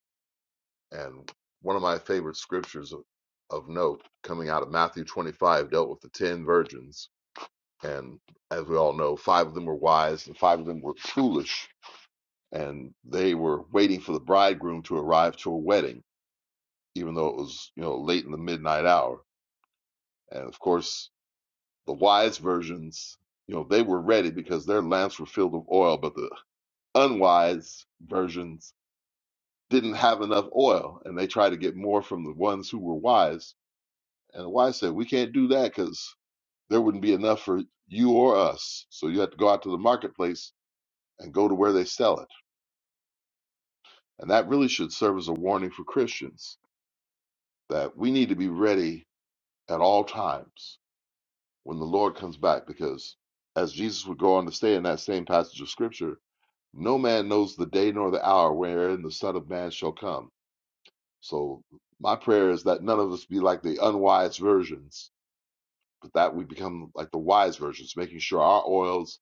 [SPEAKER 3] And one of my favorite scriptures of, of note coming out of Matthew 25 dealt with the 10 virgins. And as we all know, five of them were wise and five of them were foolish. And they were waiting for the bridegroom to arrive to a wedding, even though it was, you know, late in the midnight hour. And of course, The wise versions, you know, they were ready because their lamps were filled with oil, but the unwise versions didn't have enough oil and they tried to get more from the ones who were wise. And the wise said, We can't do that because there wouldn't be enough for you or us. So you have to go out to the marketplace and go to where they sell it. And that really should serve as a warning for Christians that we need to be ready at all times when the Lord comes back because as Jesus would go on to say in that same passage of scripture, No man knows the day nor the hour wherein the Son of Man shall come. So my prayer is that none of us be like the unwise virgins, but that we become like the wise virgins, making sure our oils,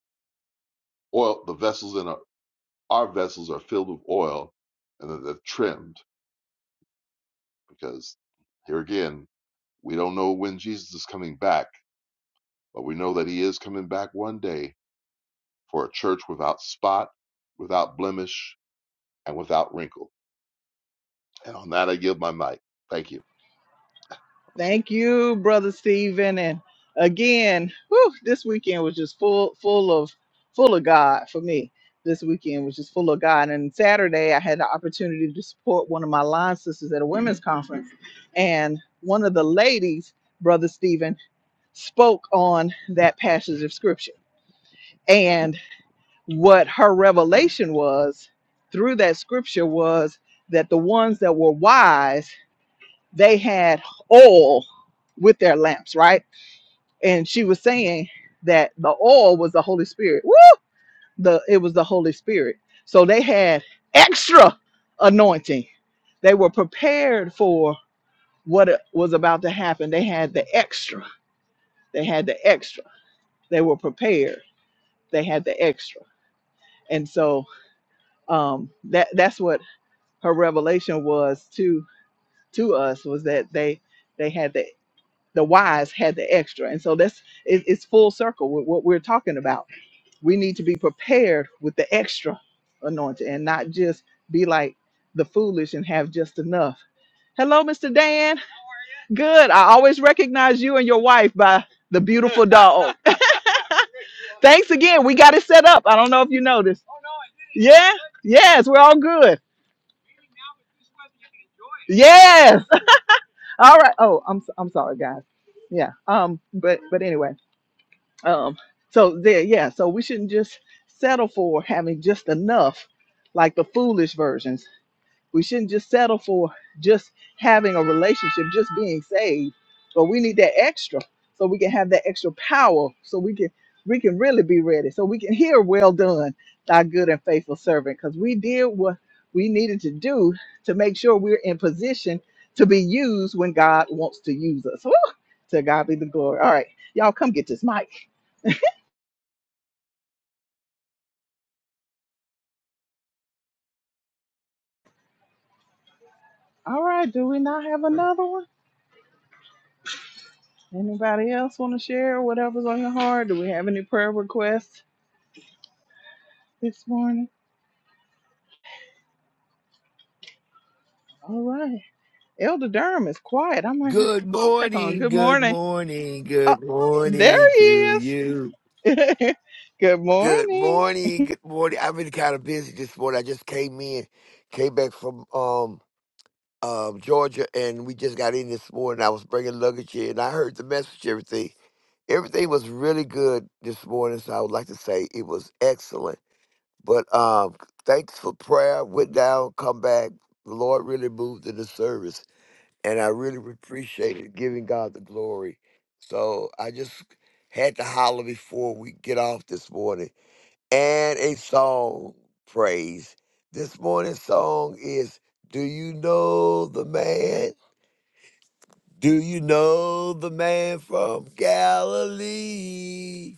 [SPEAKER 3] oil, the vessels in our, our vessels are filled with oil, and that they're trimmed. Because here again, we don't know when Jesus is coming back, but we know that he is coming back one day for a church without spot, without blemish, and without wrinkle. And on that, I give my mic. Thank you.
[SPEAKER 1] Thank you, Brother Stephen. And again, whew, this weekend was just full, full of, full of God for me. This weekend was just full of God. And Saturday, I had the opportunity to support one of my line sisters at a women's conference, and one of the ladies, Brother Stephen, spoke on that passage of scripture and what her revelation was through that scripture was that the ones that were wise they had oil with their lamps right and she was saying that the oil was the holy spirit Woo! the it was the holy spirit so they had extra anointing they were prepared for what it was about to happen they had the extra they had the extra they were prepared they had the extra and so um that that's what her revelation was to to us was that they they had the the wise had the extra and so that's it, it's full circle with what we're talking about we need to be prepared with the extra anointing and not just be like the foolish and have just enough hello mr dan good i always recognize you and your wife by the beautiful dog thanks again we got it set up i don't know if you noticed yeah yes we're all good Yes. All right. Oh, I'm so- I'm sorry, guys. Yeah. Um. But but anyway. Um. So there. Yeah. So we shouldn't just settle for having just enough, like the foolish version. We shouldn't just settle for just having a relationship, just being saved, but we need that extra so we can have that extra power so we can we can really be ready so we can hear well done thy good and faithful servant because we did what we needed to do to make sure we're in position to be used when god wants to use us Woo! to god be the glory all right y'all come get this mic all right do we not have another one anybody else want to share whatever's on your heart do we have any prayer requests this morning. All right. Elder Durham is quiet. I'm going to
[SPEAKER 9] Good
[SPEAKER 1] check on.
[SPEAKER 9] morning,
[SPEAKER 1] Good
[SPEAKER 9] good
[SPEAKER 1] morning.
[SPEAKER 9] morning,
[SPEAKER 1] Oh,
[SPEAKER 9] good
[SPEAKER 1] there
[SPEAKER 9] morning to
[SPEAKER 1] he
[SPEAKER 9] you.
[SPEAKER 1] is. Good
[SPEAKER 9] Good
[SPEAKER 1] morning.
[SPEAKER 9] morning, good morning. I've been kind of busy this morning. I just came in, came back from um um Georgia, and we just got in this morning. I was bringing luggage in. I heard the message, everything. Everything was really good this morning, so I would like to say it was excellent. But um, thanks for prayer. Went down, come back. The Lord really moved in the service. and I really appreciated giving God the glory. So I just had to holler before we get off this morning. And a song praise. This morning's song is Do You Know the Man? Do you know the man from Galilee?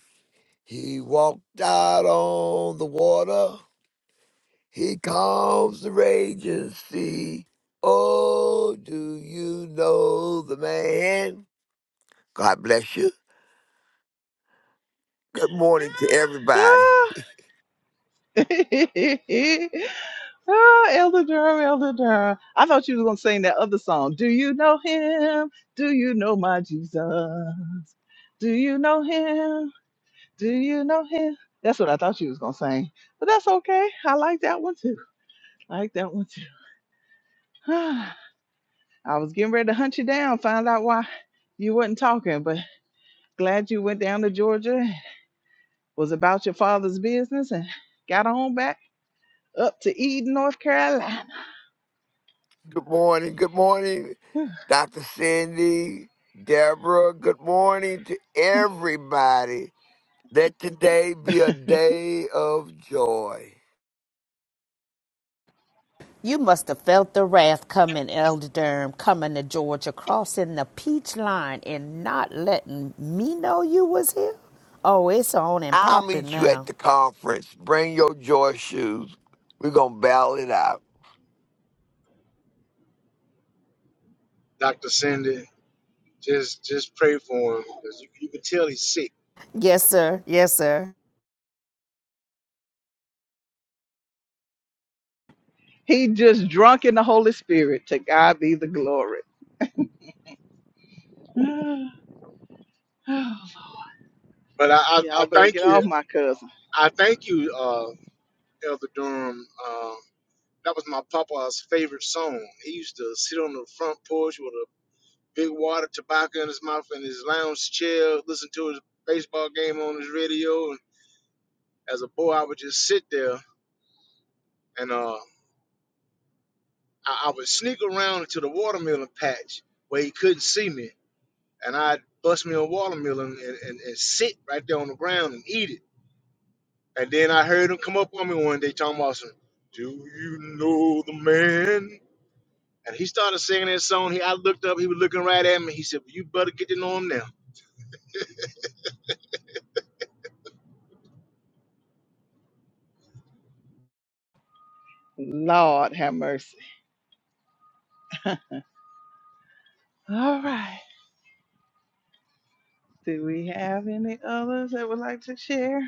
[SPEAKER 9] He walked out on the water. He calms the raging sea. Oh, do you know the man? God bless you. Good morning to everybody.
[SPEAKER 1] Ah. Ah, Elder Durham, Elder Durham. I thought you were going to sing that other song. Do you know him? Do you know my Jesus? Do you know him? Do you know him? That's what I thought you was going to sing. But that's okay. I like that one too. I like that one too. I was getting ready to hunt you down, find out why you wasn't talking, but glad you went down to Georgia, was about your father's business, and got on back up to Eden, North Carolina.
[SPEAKER 9] Good morning. Good morning, Dr. Cindy, Deborah. Good morning to everybody. Let today be a day of joy.
[SPEAKER 5] You must have felt the wrath coming, Elder Durham, coming to Georgia, crossing the peach line and not letting me know you was here. Oh, it's on and
[SPEAKER 9] I'll
[SPEAKER 5] popping
[SPEAKER 9] meet you at
[SPEAKER 5] now.
[SPEAKER 9] the conference. Bring your joy shoes. We're going to battle it out.
[SPEAKER 10] Dr. Cindy, just just pray for him because you, you can tell he's sick.
[SPEAKER 5] Yes, sir. Yes, sir.
[SPEAKER 1] He just drunk in the Holy Spirit. To God be the glory.
[SPEAKER 10] But I, I, I
[SPEAKER 1] Y'all better
[SPEAKER 10] thank
[SPEAKER 1] get
[SPEAKER 10] you.
[SPEAKER 1] off my cousin.
[SPEAKER 10] I thank you, uh, Elder Durham. Uh, that was my papa's favorite song. He used to sit on the front porch with a big water tobacco in his mouth and his lounge chair, listen to his baseball game on his radio. And as a boy, I would just sit there and uh, I, I would sneak around into the watermelon patch where he couldn't see me and I'd bust me a watermelon and, and, and sit right there on the ground and eat it. And then I heard him come up on me one day talking about some, do you know the man? And he started singing that song. He, I looked up, he was looking right at me. He said, well, you better get to know him now.
[SPEAKER 1] Lord have mercy. All right. Do we have any others that would like to share?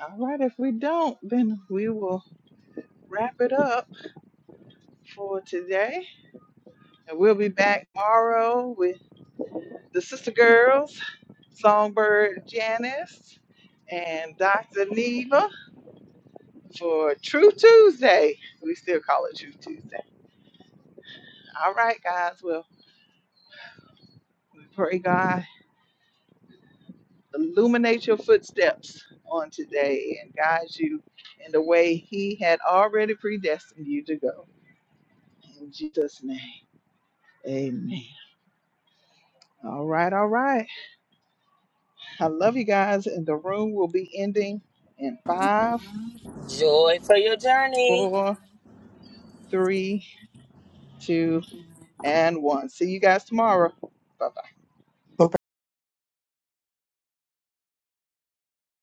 [SPEAKER 1] All right. If we don't, then we will wrap it up for today. And we'll be back tomorrow with the Sister Girls, Songbird Janice, and Dr. Neva for True Tuesday. We still call it True Tuesday. All right, guys. Well, we pray God illuminate your footsteps on today and guide you in the way He had already predestined you to go. In Jesus' name, amen. All right, all right. I love you guys, and the room will be ending in five,
[SPEAKER 4] Joy for your journey.
[SPEAKER 1] four, three, two, and one. See you guys tomorrow. Bye.